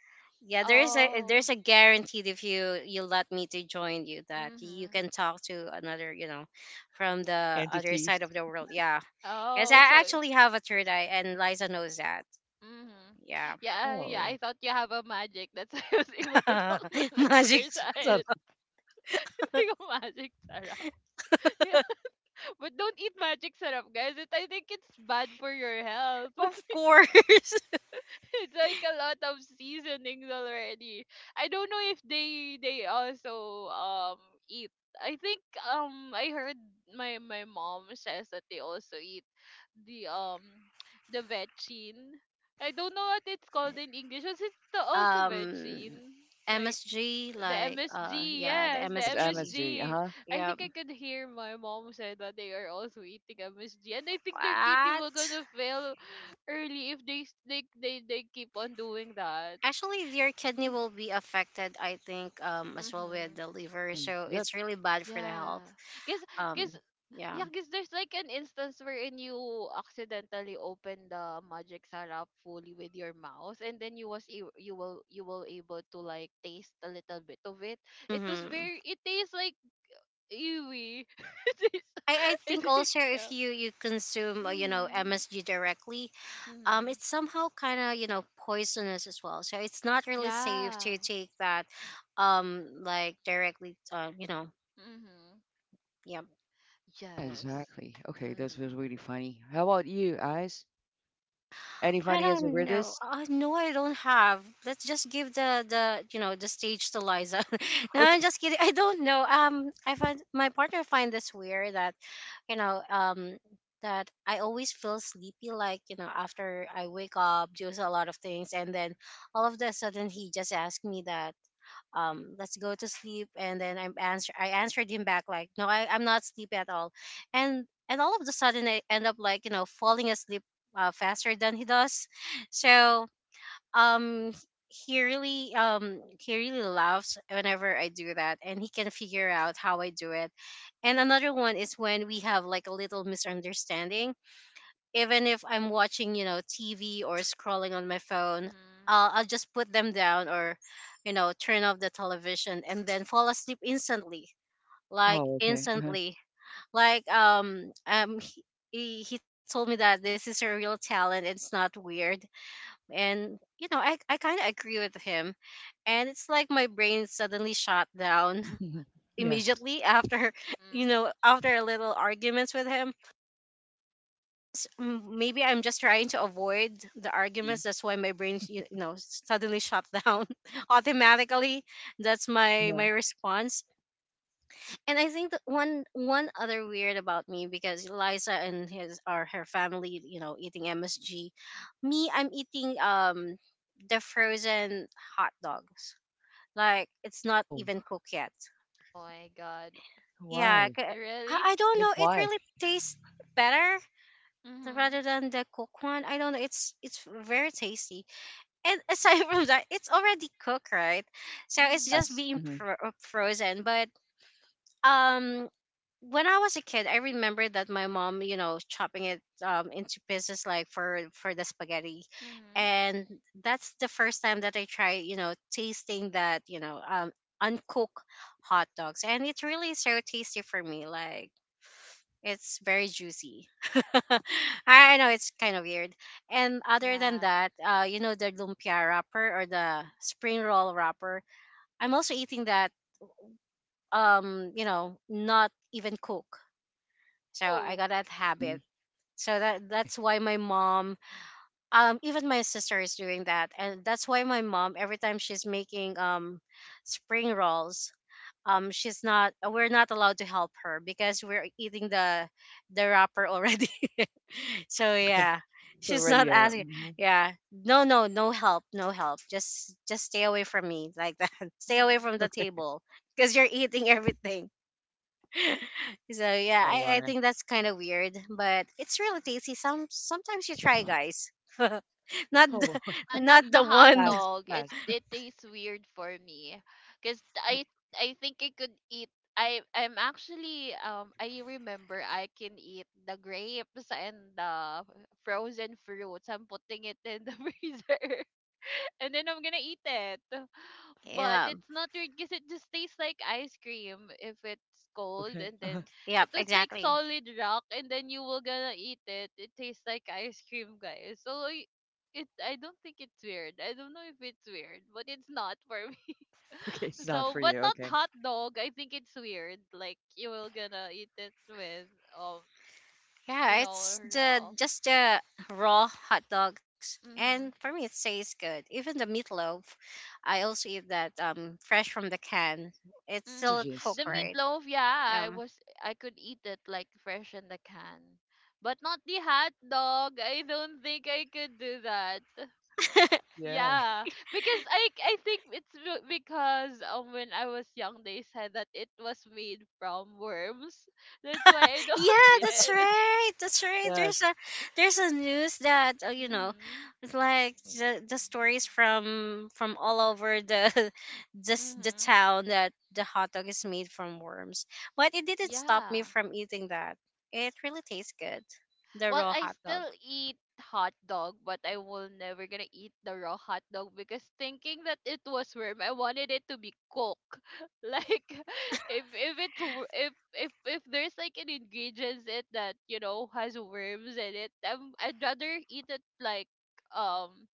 yeah. There is a
Oh.
there's a guaranteed if you you let me to join you that you
Mm-hmm.
can talk to another, you know, from the other
entity.
side of the world. Yeah, because
Oh,
I
so
actually have a third eye, and Liza knows that.
Mhm.
Yeah.
Yeah, uh, yeah,
Oh.
I thought you have a magic. That's why I was able to talk to them.
Magic.
There's
So
a like a magic sarap. Yeah. But don't eat magic sarap, guys. It, I think it's bad for your health.
Of course.
It's like a lot of seasonings already. I don't know if they they also um eat. I think um I heard my my mom says that they also eat the um the vegine. I don't know what it's called in English. Was it the also
um,
vegine? Like
M S G,
the
like, uh,
M S G,
yeah, the
yes, the
yes,
M S G.
M S G.
M S G.
Uh-huh.
I
Yeah.
think I could hear my mom said that they are also eating M S G, and I think their kidney will
What?
gonna fail early if they s- they they, they keep on doing that.
Actually, your kidney
Mm-hmm.
will be affected, I think, um, as well with
Mm-hmm.
the liver.
Mm-hmm.
So
Yep.
it's really bad for the health.
Yeah, cause, cause,
Um, yeah.
yeah, cause there's like an instance wherein you accidentally open the magic sarap fully with your mouth, and then you was a- you will you will able to like taste a little bit of it. It was
Mm-hmm.
very it tastes like ew. It is.
I, I
It
think
is.
also if
Yeah.
you, you consume, uh, you know,
Mhm.
M S G directly, um
Mhm.
it's somehow kind of, you know poisonous as well, so it's not really safe
Yeah.
to take that, um like directly, uh, you know
Mhm.
yeah.
Yeah,
Yes.
exactly. Okay, this was
Mhm.
really funny. How about you, Eyes? Any
I
funniest or
don't know.
weirdest?
Uh, no, I don't have. Let's just give the the you know the stage to Liza. No, I'm
Okay.
just kidding. I don't know. um I find my partner find this weird that, you know um that I always feel sleepy, like, you know after I wake up, do a lot of things, and then all of a sudden he just asked me that, um let's go to sleep, and then i'm answer i answered him back like, no, I, i'm not sleepy at all. And and all of a sudden, I end up, like, you know, falling asleep uh, faster than he does. So um he really, um he really laughs whenever I do that, and he can figure out how I do it. And another one is when we have like a little misunderstanding. Even if I'm watching, you know, T V or scrolling on my phone,
Mhm.
I'll, I'll just put them down, or, you know, turn off the television and then fall asleep instantly. Like,
Oh, okay.
instantly. Like, um um he, he he told me that this is a real talent. It's not weird. And, you know, I I kind of agree with him. And it's like my brain suddenly shut down
Mhm. Yes.
immediately after, you
Mhm.
know, after a little arguments with him. S- m- maybe I'm just trying to avoid the arguments.
Mhm.
That's why my brain, you you know, suddenly shut down automatically. That's my
Uh-huh.
my response. And I think that one one other weird about me, because Liza and his or her family, you know, eating M S G. Me, I'm eating um the frozen hot dogs. Like, it's not
Oh,
even cooked yet.
Oh my God.
Yeah,
why?
I, I
Really?
I don't
But
know. It
why?
really tastes better
Mhm.
rather than the cooked one. I don't know. It's it's very tasty. And aside from that, it's already cooked, right? So it's
Mhm.
just
Yes.
being
Mm-hmm.
pro- uh, frozen. But, um, when I was a kid, I remember that my mom, you know, chopping it um into pieces like for for the spaghetti,
Mhm.
and that's the first time that I tried, you know, tasting that, you know, um uncooked hot dogs, and it's really so tasty for me. Like, it's very juicy.
Mhm.
I know it's kind of weird. And other than
Yeah.
that, uh, you know, the lumpia wrapper or the spring roll wrapper. I'm also eating that. Um, you know, not even cook. So I
Oh.
got that
Hmm.
habit. So that
Okay.
that's why my mom, um, even my sister is doing that, and that's why my mom every time she's making, um, spring rolls, um she's not, uh, we're not allowed to help her because we're eating the the wrapper already. So
Okay.
yeah,
It's
she's not
already uh
asking.
mhm.
Yeah, no, no, no help no help. Just just stay away from me, like that. Stay away from
Mhm.
the
Okay.
table because you're eating everything. So yeah,
Oh
i i
my.
think that's kind of weird, but it's really tasty. Some sometimes you try, guys. Not the—
Oh
Yeah, not
not
the
the
hot
one.
fast,
dog. It
fast.
it tastes weird for me because I I think I could eat. I I'm actually um I remember I can eat the grapes and the frozen fruits. I'm putting it in the freezer and then I'm gonna eat it. But
Yeah.
it's not weird because it just tastes like ice cream if it's cold,
Okay.
and
Uh-huh.
then
Yep,
it was like
exactly.
solid rock, and then you will gonna eat it. It tastes like ice cream, guys. So y- it, I don't think it's weird. I don't know if it's weird, but it's not for me.
Okay, it's not
So,
for
but
you.
not
Okay.
hot dog. I think it's weird. Like you will gonna eat it with um,
Yeah,
you know,
it's the—
raw.
just the raw hot dogs, and
Mhm.
for me, it tastes good. Even the meatloaf, I also eat that um fresh from the can. It's still
Mm-hmm.
cooked,
Sausages.
The
right?
Uh-huh.
meatloaf,
Um,
yeah, I was I could eat it like fresh in the can. But not the hot dog. I don't think I could do that.
Yeah.
Yeah, because I I think it's be- because um when I was young they said that it was made from worms. That's why I don't
yeah,
eat
that's
it.
right. That's right. There's
Yes.
a there's a news that, uh, you know,
Mhm.
it's like the, the stories from from all over the this the
Mhm.
town that the hot dog is made from worms. But it didn't stop me
Yeah.
from eating that. It really tastes good, the
Well,
raw
I
hot dog.
still eat hot dog, but I will never gonna eat the raw hot dog because thinking that it was worm, I wanted it to be cooked. Like if if it's wor- if if if there's like an ingredients in it that you know has worms in it, um, I'd rather eat it like um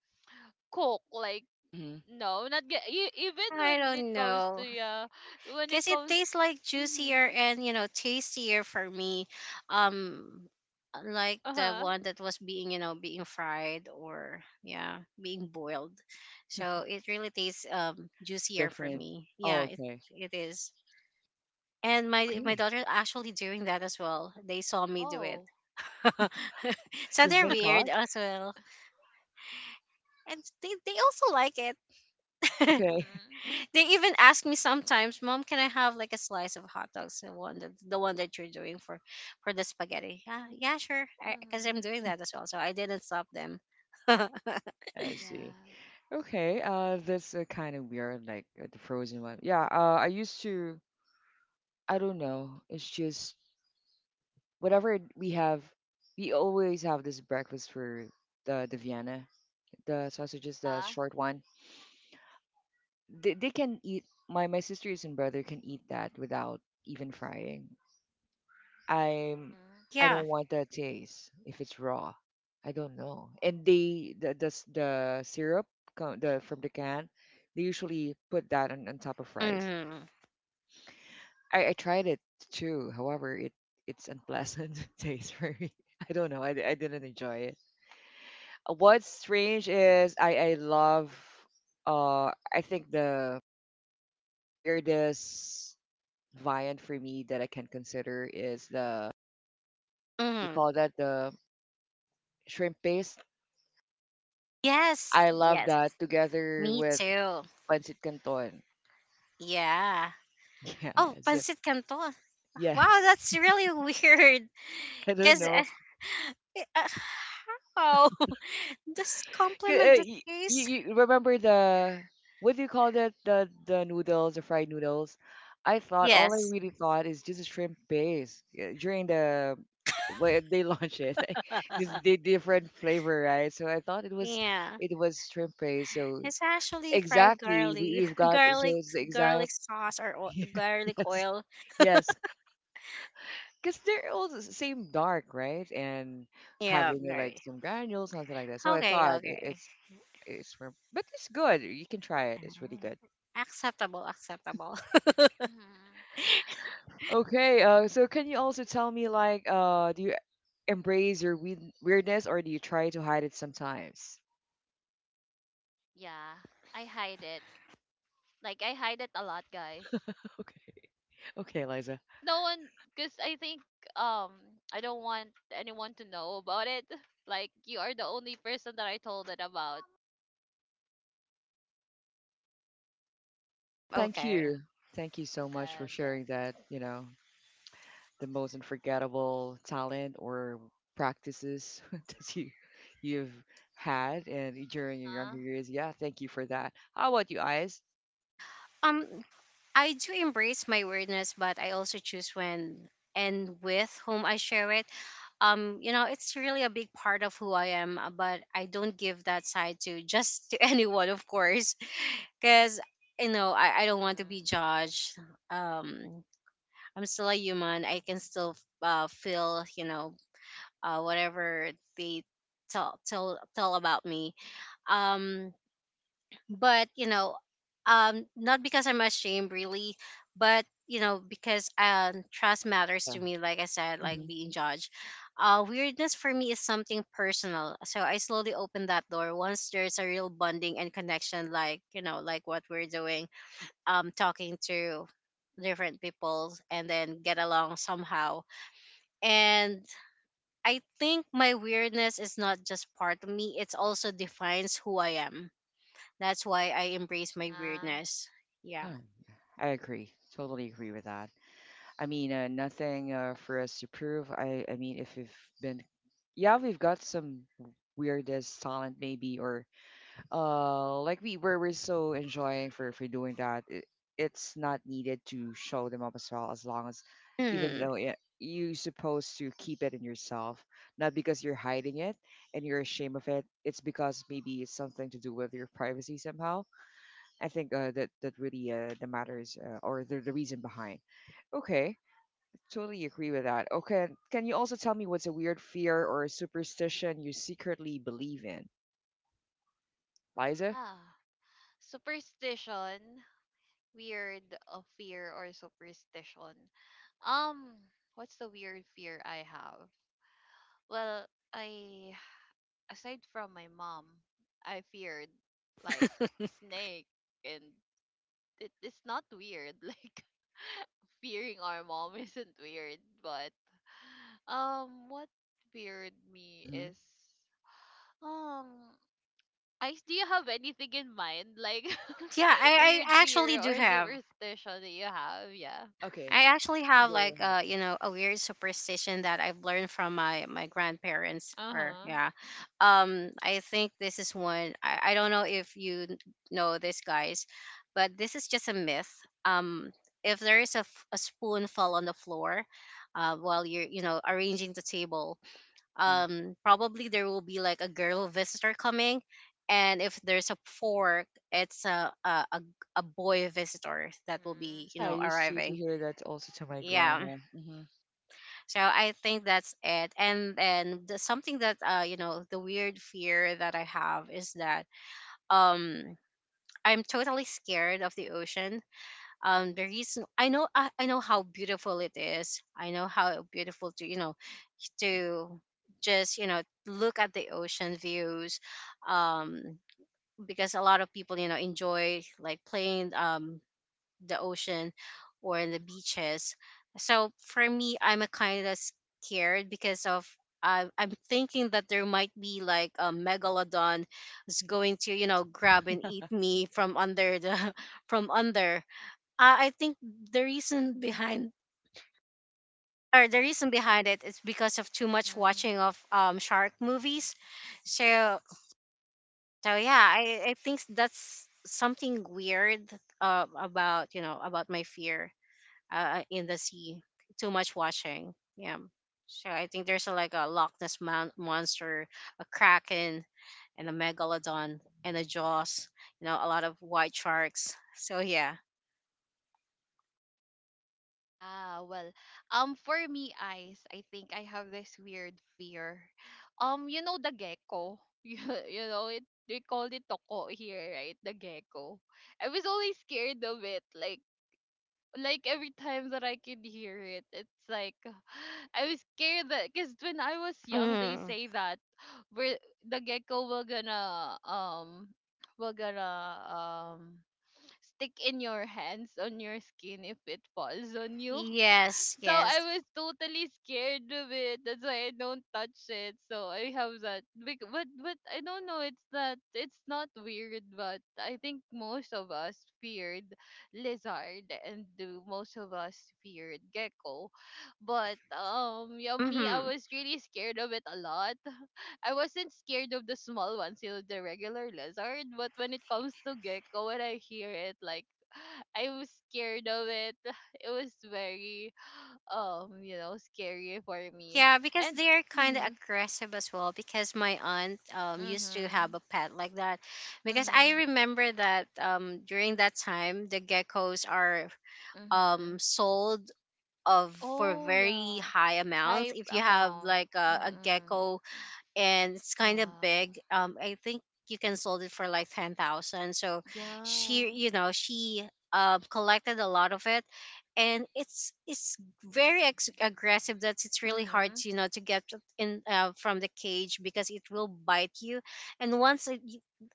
cook like
Mm-hmm.
no not get e- even
I
when it
don't
comes to
know,
yeah when it
cause it
comes
tastes like juicier
mm-hmm,
and, you know, tastier for me. Um like
uh
the
huh
one that was being, you know, being fried or yeah, being boiled. So it really tastes um juicier for
Different.
me.
Oh,
Yeah, it
okay.
it is. And my my
Okay.
daughter actually doing that as well. They saw me do it.
oh
So
You've
they're
been
weird
caught?
as well. And they, they also like
Oh,
it.
okay.
mm-hmm,
They even ask me sometimes, "Mom, can I have like a slice of hot dogs? The one that the one that you're doing for for the spaghetti?" Yeah, yeah, sure. Because I'm
mm-hmm,
doing that as well, so I didn't stop them.
I see.
yeah.
Okay. Uh, that's uh, kind of weird, like uh, the frozen one. Yeah. Uh, I used to. I don't know. It's just whatever we have, we always have this breakfast for the the Vienna, the sausages, the
Uh-huh.
short one. They, they can eat. My my sisters and brother can eat that without even frying. I'm
Mhm.
I
Yeah.
don't want that taste if it's raw. I don't know. And they the the s- the syrup, co- the from the can, they usually put that on, on top of rice.
Hmm.
I, I tried it too. However, it, it's unpleasant taste for me. I don't know. I, I didn't enjoy it. Uh, What's strange is I I love uh I think the the weirdest viand for me that I can consider is the, what do you
Hmm.
call that, the shrimp paste.
Yes.
I love
Yes.
that together
Me
with
too.
pancit canton.
Yeah. Oh,
Yes.
pancit canton. Wow,
Yes.
that's really weird.
I don't
Because
know.
uh, how does
K-
compliment
uh,
the
y- you,
taste?
you remember the, what do you call that, the the noodles, the fried noodles? I thought all
Mhm.
I
Yes.
really thought is just a shrimp base, yeah, during the, when they launch it this the different flavor, right? So I thought it was,
Yeah.
it was shrimp base. So
It's actually fried
exactly, we,
garlic,
we've got so
garlic,
it's the exact
garlic sauce or o- garlic
yes
oil.
yes because they're all the same dark, right? And
Yeah,
having eh, like
very.
some granules, something like that. So I
Okay,
thought it,
okay.
it's it's from, but it's good. You can try it. It's really
Alright.
good.
Acceptable, acceptable.
Mhm.
Okay. Uh, so can you also tell me like uh, do you embrace your weird weirdness or do you try to hide it sometimes?
Yeah. I hide it. Like I hide it a lot, guys.
Okay. Okay, Liza.
Cuz no one cuz I think um I don't want anyone to know about it. Like you are the only person that I told it about.
Well, thank
Okay.
you. Thank you so much for
Yes, yes.
sharing that. You know, the most unforgettable talent or practices that you you've had and during your younger
Uh-huh.
years. Yeah, thank you for that. How about you, Eyes?
Um, I do embrace my weirdness, but I also choose when and with whom I share it. Um, you know, it's really a big part of who I am, uh, but I don't give that side to just to anyone, of course, because you know I, I don't want to be
Mhm.
judged. Um, I'm still a human. I can still uh, feel, you know, uh, whatever they tell tell tell about me. Um, but you know, um, not because I'm ashamed really, but you know, because um, trust matters
Yeah.
to me. Like I said, like
Hmm.
being judged. Uh, weirdness for me is something personal, so I slowly open that door once there's a real bonding and connection, like you know, like what we're doing, um, talking to different people and then get along somehow and I think my weirdness is not just part of me, it also defines who I am. That's why I embrace my
Uh-huh.
weirdness. Yeah.
Yeah, I agree. Totally agree with that. I mean, uh, nothing uh, for us to prove. I I mean, if we've been, yeah, we've got some weirdest talent maybe or uh like we were we're so enjoying for for doing that, it, it's not needed to show them up as well, as long as even
Hmm.
though it, you supposed to keep it in yourself, not because you're hiding it and you're ashamed of it, it's because maybe it's something to do with your privacy somehow. I think uh, that that really uh, the matters uh, or the, the reason behind. Okay, totally agree with that. Okay, can you also tell me what's a weird fear or a superstition you secretly believe in, Liza?
Yeah. Superstition, weird uh, fear or superstition. Um, what's the weird fear I have? Well, I aside from my mom, I feared like snake and it, it's not weird. Like fearing our mom isn't weird, but um what feared me
Hmm.
is um I do you have anything in mind? Like
Yeah, I,
weird
I actually
fear
do
or
have.
superstition that you have, yeah.
Okay.
I actually
You
have
go
like
ahead
uh you
first.
know a weird superstition that I've learned from my my grandparents or
Uh-huh.
yeah, um I think this is one I, I don't know if you n- know this guys, but this is just a myth. Um, if there is a, f- a spoon fall on the floor, uh, while you're you know arranging the table,
Hmm.
um probably there will be like a girl visitor coming, and if there's a fork, it's a a a, a boy visitor that will be you
Yeah, I
know
used to, to
arriving.
hear that also to my
Yeah,
grandma. Hmm.
so I think that's it. And then the, something that uh you know the weird fear that I have is that um I'm totally scared of the ocean. Um the reason I know I, I know how beautiful it is. I know how beautiful to you know to just you know look at the ocean views um because a lot of people you know enjoy like playing um the ocean or the
Hmm.
beaches. So for me, I'm a kind of scared because of I'm I'm thinking that there might be like a megalodon is going to you know
Yes.
grab and eat me from under the from under. I, I think the reason behind or the reason behind it is because of too much watching
Mm-hmm.
of um shark movies. So so yeah, I I think that's something weird uh, about you know about my fear uh, in the sea. Too much washing. Yeah. So I think there's a, like a Loch Ness mon- monster, a kraken, and a megalodon and a jaws. You know, a lot of white sharks. So yeah.
Yeah, well, um, for me, eyes, I think I have this weird fear. Um, you know the gecko. You, you know it. They call it toko here, right? The gecko. I was always scared of it. Like, like every time that I could hear it, it's like I was scared that because when I was young, they
Mm.
say that we're the gecko will gonna um will gonna um stick in your hands on your skin if it falls on you
Yes,
so I
yes.
was totally scared of it. That's why I don't touch it. So I have that. Bec- But but I don't know. It's that it's not weird, but I think most of us feared lizard and do most of us feared gecko. But um, yeah, me, I
Mm-hmm.
was really scared of it a lot. I wasn't scared of the small ones, you know, the regular lizard. But when it comes to gecko, when I hear it, like I was scared of it. It was very um you know scary for me
Yeah, because
and
they're kind of
mhm
aggressive as well. Because my aunt um used to have
mhm
a pet like that. Because
mhm
I remember that um during that time the geckos are
Hmm.
mhm
um sold of for
oh
very
yeah
high
high
amounts. If you have
amount
like a, a
mm
gecko and it's kind of
yeah
big, um, I think you can sold it for like ten thousand. So
yeah
she, you know, she um collected a lot of it, and it's it's very ex- aggressive. That it's really hard,
mhm
to, you know, to get in
Yeah.
uh, from the cage because it will bite you, and once it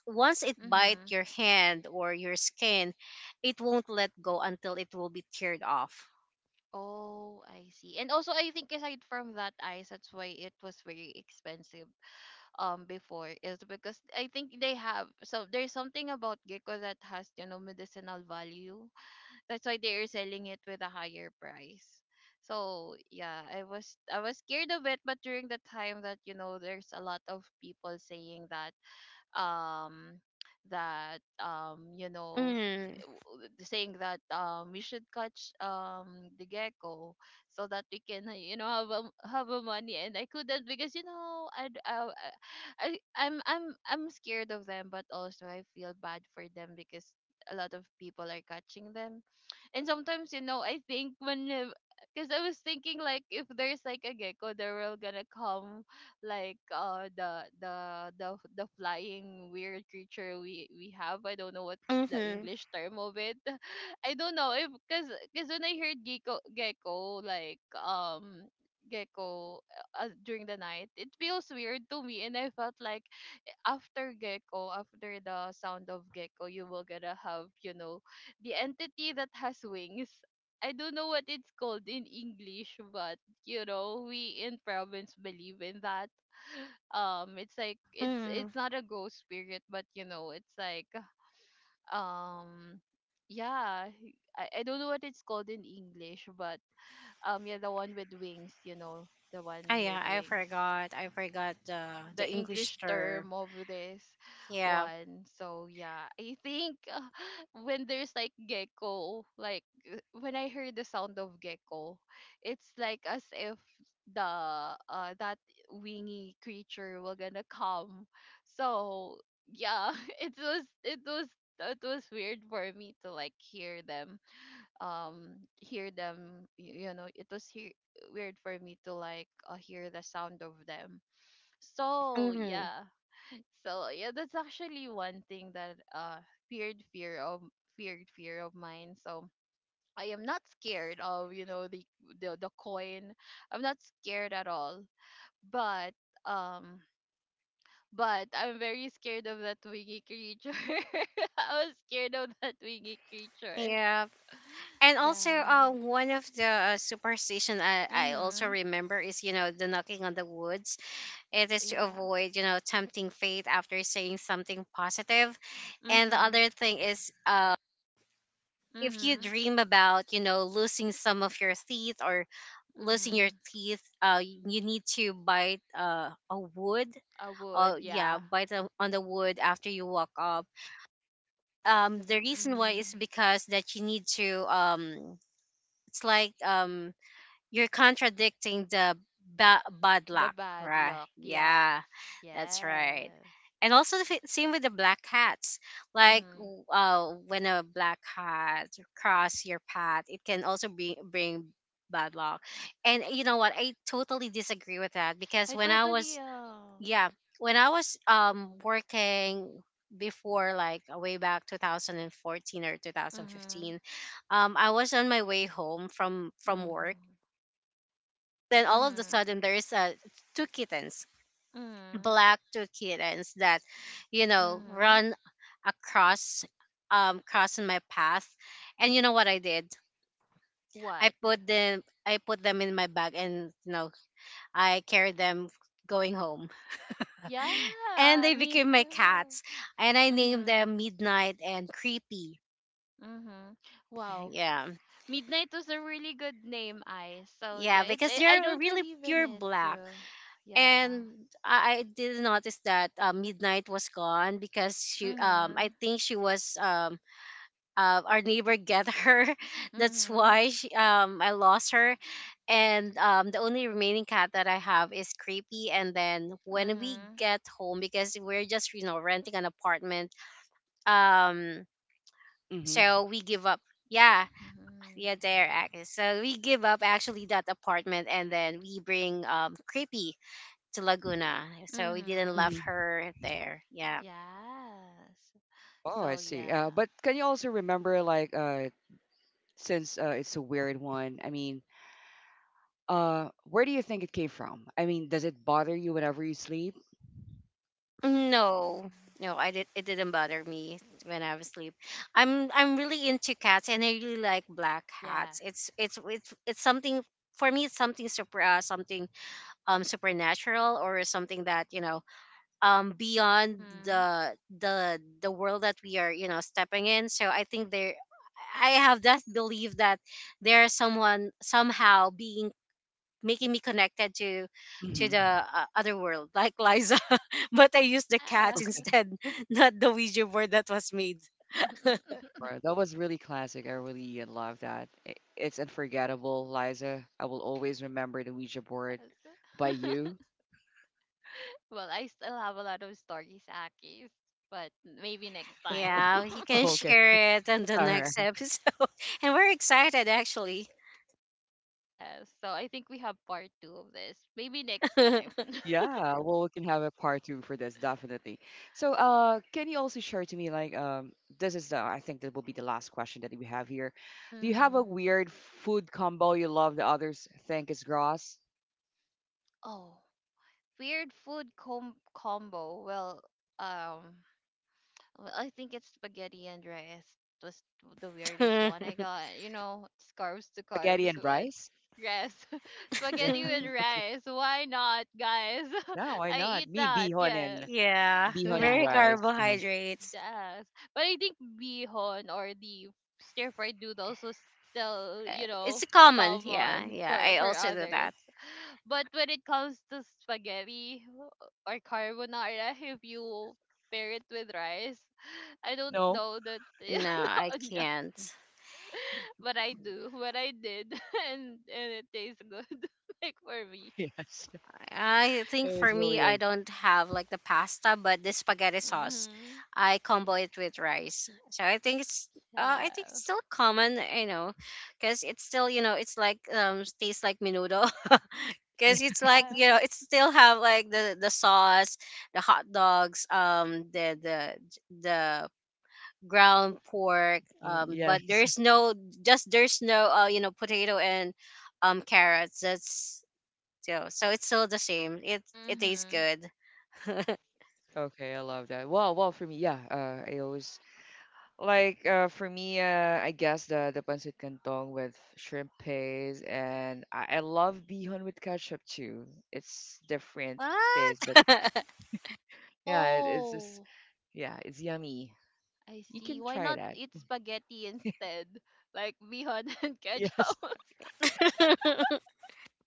once it bite
mhm
your hand or your skin, it won't let go until it will be teared off.
oh I see and also I think aside from that ice that's why it was very expensive um before is because I think they have so there's something about gecko that has you know medicinal value. That's why they are selling it with a higher price. So yeah, I was I was scared of it, but during the time that you know there's a lot of people saying that um that um you know w- saying that um we should catch um the gecko so that we can uh, you know have a have a money and I couldn't because you know I I I I'm I'm I'm scared of them but also I feel bad for them because a lot of people are catching them and sometimes, you know, I think when because I was thinking like if there's like a gecko, they're all gonna come like uh the the the the flying weird
Hmm.
creature we we have. I don't know what's the
Mm-hmm.
English term of it. I don't know if because because when I heard gecko gecko like um gecko uh, during the night, it feels weird to me, and I felt like after gecko after the sound of gecko you will gonna have you know the entity that has wings. I don't know what it's called in English, but you know we in
Yeah, the the
province
large
believe
one,
in that. Um, it's like it's
Mm.
it's
the
not a
huge
ghost
one,
spirit but you know it's like um yeah I, I don't know what it's called in English but um yeah the one with wings you know the
Ah,
one
the
yeah,
with
one
I
with
wings
wings.
forgot. I
Okay.
forgot the
the
the English
English
term.
term of this
Okay.
Yeah.
one. So yeah, I think uh, when there's like gecko, like uh, when I heard the sound of gecko, it's like as if the uh that wingy creature were gonna come. So yeah, it was it was it was weird for me to like hear them um hear them y- you know it was hear weird for me to like uh, hear the sound of them so
But I
Mm-hmm.
have
yeah,
a follow-up
so
question.
yeah,
Uh.
that's actually one thing that uh feared fear of feared fear of mine. So I am not scared of you know the the the coin. I'm not
Hmm.
scared at all. But um, but I'm very scared of that wingy creature. I was scared of that wingy creature.
Yeah. And also, uh,
Yeah.
one of the uh, superstition I, I also
Mhm.
remember is you know the knocking on the woods. It is to
Yeah.
avoid you know tempting fate after saying something positive. And the
Mhm.
other thing is, uh, if you
Mhm.
dream about, you know, losing some of your teeth or losing your
Mhm.
teeth, uh, you need to bite uh, a wood
I would.
oh yeah
Yeah.
by the on the wood after you walk up um the reason why is
Mm.
because that you need to um it's like um you're contradicting the ba- bad
The
luck
bad
right
luck. Yes.
yeah that's right
Yes.
and also the f- same with the black
Uh-huh.
hats like
Mm-hmm.
w- uh when a black hat cross your path it can also bring bring bad luck and you know what I totally disagree with that because
I
when I
totally
was
uh
yeah when I was um working before like uh, way back twenty fourteen or
mm-hmm.
twenty fifteen um I was on my way home from from work
Mm-hmm.
then all of a
Mm-hmm.
sudden there's uh, two kittens
Mm-hmm.
black two kittens that you know
Mm-hmm.
run across um crossing my path and you know
Uh-huh.
what I did i
What?
put them I put them in my bag and you know I carried them going home and
Yeah,
they
me
became my
too.
cats and I named
Mm-hmm.
them Midnight and Creepy
Mm-hmm. Wow.
Do you use
yeah
it- use that as your
Midnight was a
pet?
really good name, I. So
yeah
yeah, it,
because
it I
they're
don't
really
believe in
pure
it
black
too. Yeah.
and i, I did notice that uh, Midnight was gone because she um
Mm-hmm.
I think she was um uh, our neighbor get her that's
Mm-hmm.
why she, um I lost her and um, the only remaining cat that I have is Creepy. And then when we
Mm-hmm.
get home, because we're just you know renting an apartment, um,
Hmm.
so we give up yeah yeah
Mm-hmm.
they're actors so we give up actually that apartment and then we bring um Creepy to Laguna so we
Hmm.
didn't
Mm-hmm.
love her there yeah
Yes.
Oh, I see.
So
Uh, but can
yeah.
you also remember, like, uh, since uh, it's a weird one, I mean, uh, where do you think it came from? I mean, does it bother you whenever you sleep?
no
Mhm.
no I did it didn't bother me when I was asleep i'm I'm really into cats and I really like black cats
Yes.
it's it's it's, it's something for me it's something super uh, something um supernatural or something that you know um beyond
Mm-hmm.
the the the world that we are you know stepping in so I think there I have that belief that there's someone somehow being making me connected to to the
Mhm.
uh, other world like Liza but I used the cat
Ah.
Okay.
instead not the Ouija board that was made
Bro, that was really classic. I really uh, love that. I, it's unforgettable, Liza. I will always remember the Ouija board
Yes.
by you.
Well, I still have a lot of stories, Akis, but maybe next time.
Okay.
yeah you can
All
share it
right.
on the next episode and we're excited actually
Yes. So I think we have part two of this. Maybe next time.
Yeah. Well, we can have a part two for this, definitely. So, uh, can you also share to me, like, um, this is the, I think that will be the last question that we have here. Do you have a
Mm.
weird food combo you love that others think is gross?
Oh, weird food com- combo. Well, um, well, I think it's spaghetti and rice was the weirdest one I got. You know, it's carbs to
Spaghetti
carbs,
and
but
rice?
yes,
Yeah.
spaghetti with rice. Why not, guys?
No, why
I
not?
eat
Me,
that.
bihon
Yes,
and
yeah
bihon and
very
yeah,
rice. Uh-huh.
carbohydrates
yes. But I think bihon or the stir fried noodles was still,
Uh,
you
it's
know,
common. Yeah,
common
yeah.
for
I
for
also do
others.
that.
But when it comes to spaghetti or carbonara, if you pair it with rice, I don't
No.
know that
No, I
no,
can't.
but I do what I did, and and it tastes good, like for me.
Yes.
I think
It
for
was
me,
really
I
a
don't have like the pasta, but the spaghetti sauce,
Mhm.
I combo it with rice. So I think it's, uh, I think
Yeah.
it's still common, you know, because it's still, you know, it's like um tastes like menudo.
Y-
Because it's like
Yeah.
you know, it still have like the the sauce, the hot dogs, um, the the the ground pork um but
yes.
there's no just there's no uh you know potato and um carrots that's you know, so it's still the same it it tastes
Mhm.
good
Okay, I love that. Well, well, for me, yeah. Uh, I always like uh for me, uh, I guess the the pancit canton with shrimp paste, and I, I love bihon with ketchup too. It's different taste,
what
but yeah, it, it's just
Oh,
yeah, it's yummy.
I
You
see.
can
Why
try
not
that.
eat spaghetti instead, like bihon and
Yes,
ketchup?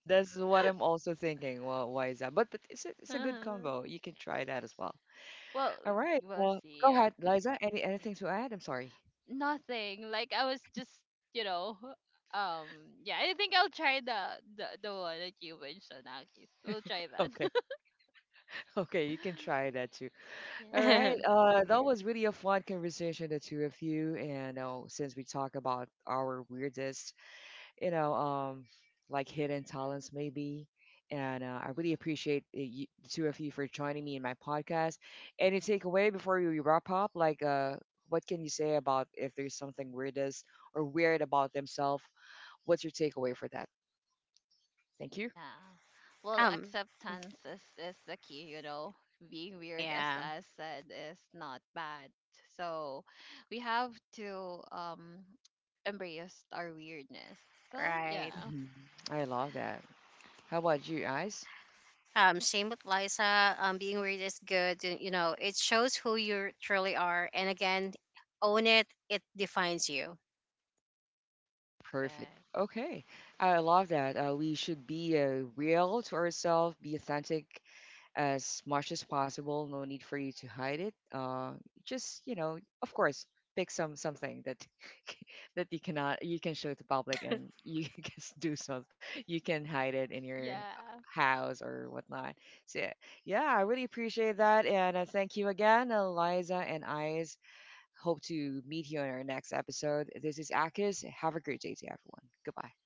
that's what I'm also thinking. Well, why is that? But but it's a, it's a good
Uh-huh.
combo. You can try that as well.
Well,
All right.
we'll
Well,
see.
go
Yeah.
ahead, Liza. Any anything to add? I'm sorry.
Nothing. Like I was just, you know, um, yeah. I think I'll try the the, the one that you mentioned, Akis. We'll try that.
Okay, okay, you can try that too. All right,
Yes.
uh, that was really a fun conversation, the two of you. And uh, since we talk about our weirdest, you know, um, like hidden talents maybe, and uh, I really appreciate uh, you, the two of you for joining me in my podcast. Any takeaway before we wrap up? Like, uh, what can you say about if there's something weirdest or weird about themselves? What's your takeaway for that? Thank you.
Yeah. Well,
um
acceptance is is the key. You know, being weird, as
yeah
I said, is not bad. So we have to um embrace our weirdness. So
right
yeah,
Mhm. I love that. How about you guys?
um same with Liza um being weird is good y- you know it shows who you truly are and again own it it defines you
Perfect.
correct.
Okay. I love that. Uh, we should be uh, real to ourselves, be authentic as much as possible. No need for you to hide it. Uh, just, you know, of course, pick some something that that you cannot you can show to public and you can just do so. You can hide it in your
Yeah.
house or whatnot. So yeah, I really appreciate that and uh, thank you again, uh, Liza and I hope to meet you on our next episode. This is Akis. Have a great day to everyone. Goodbye.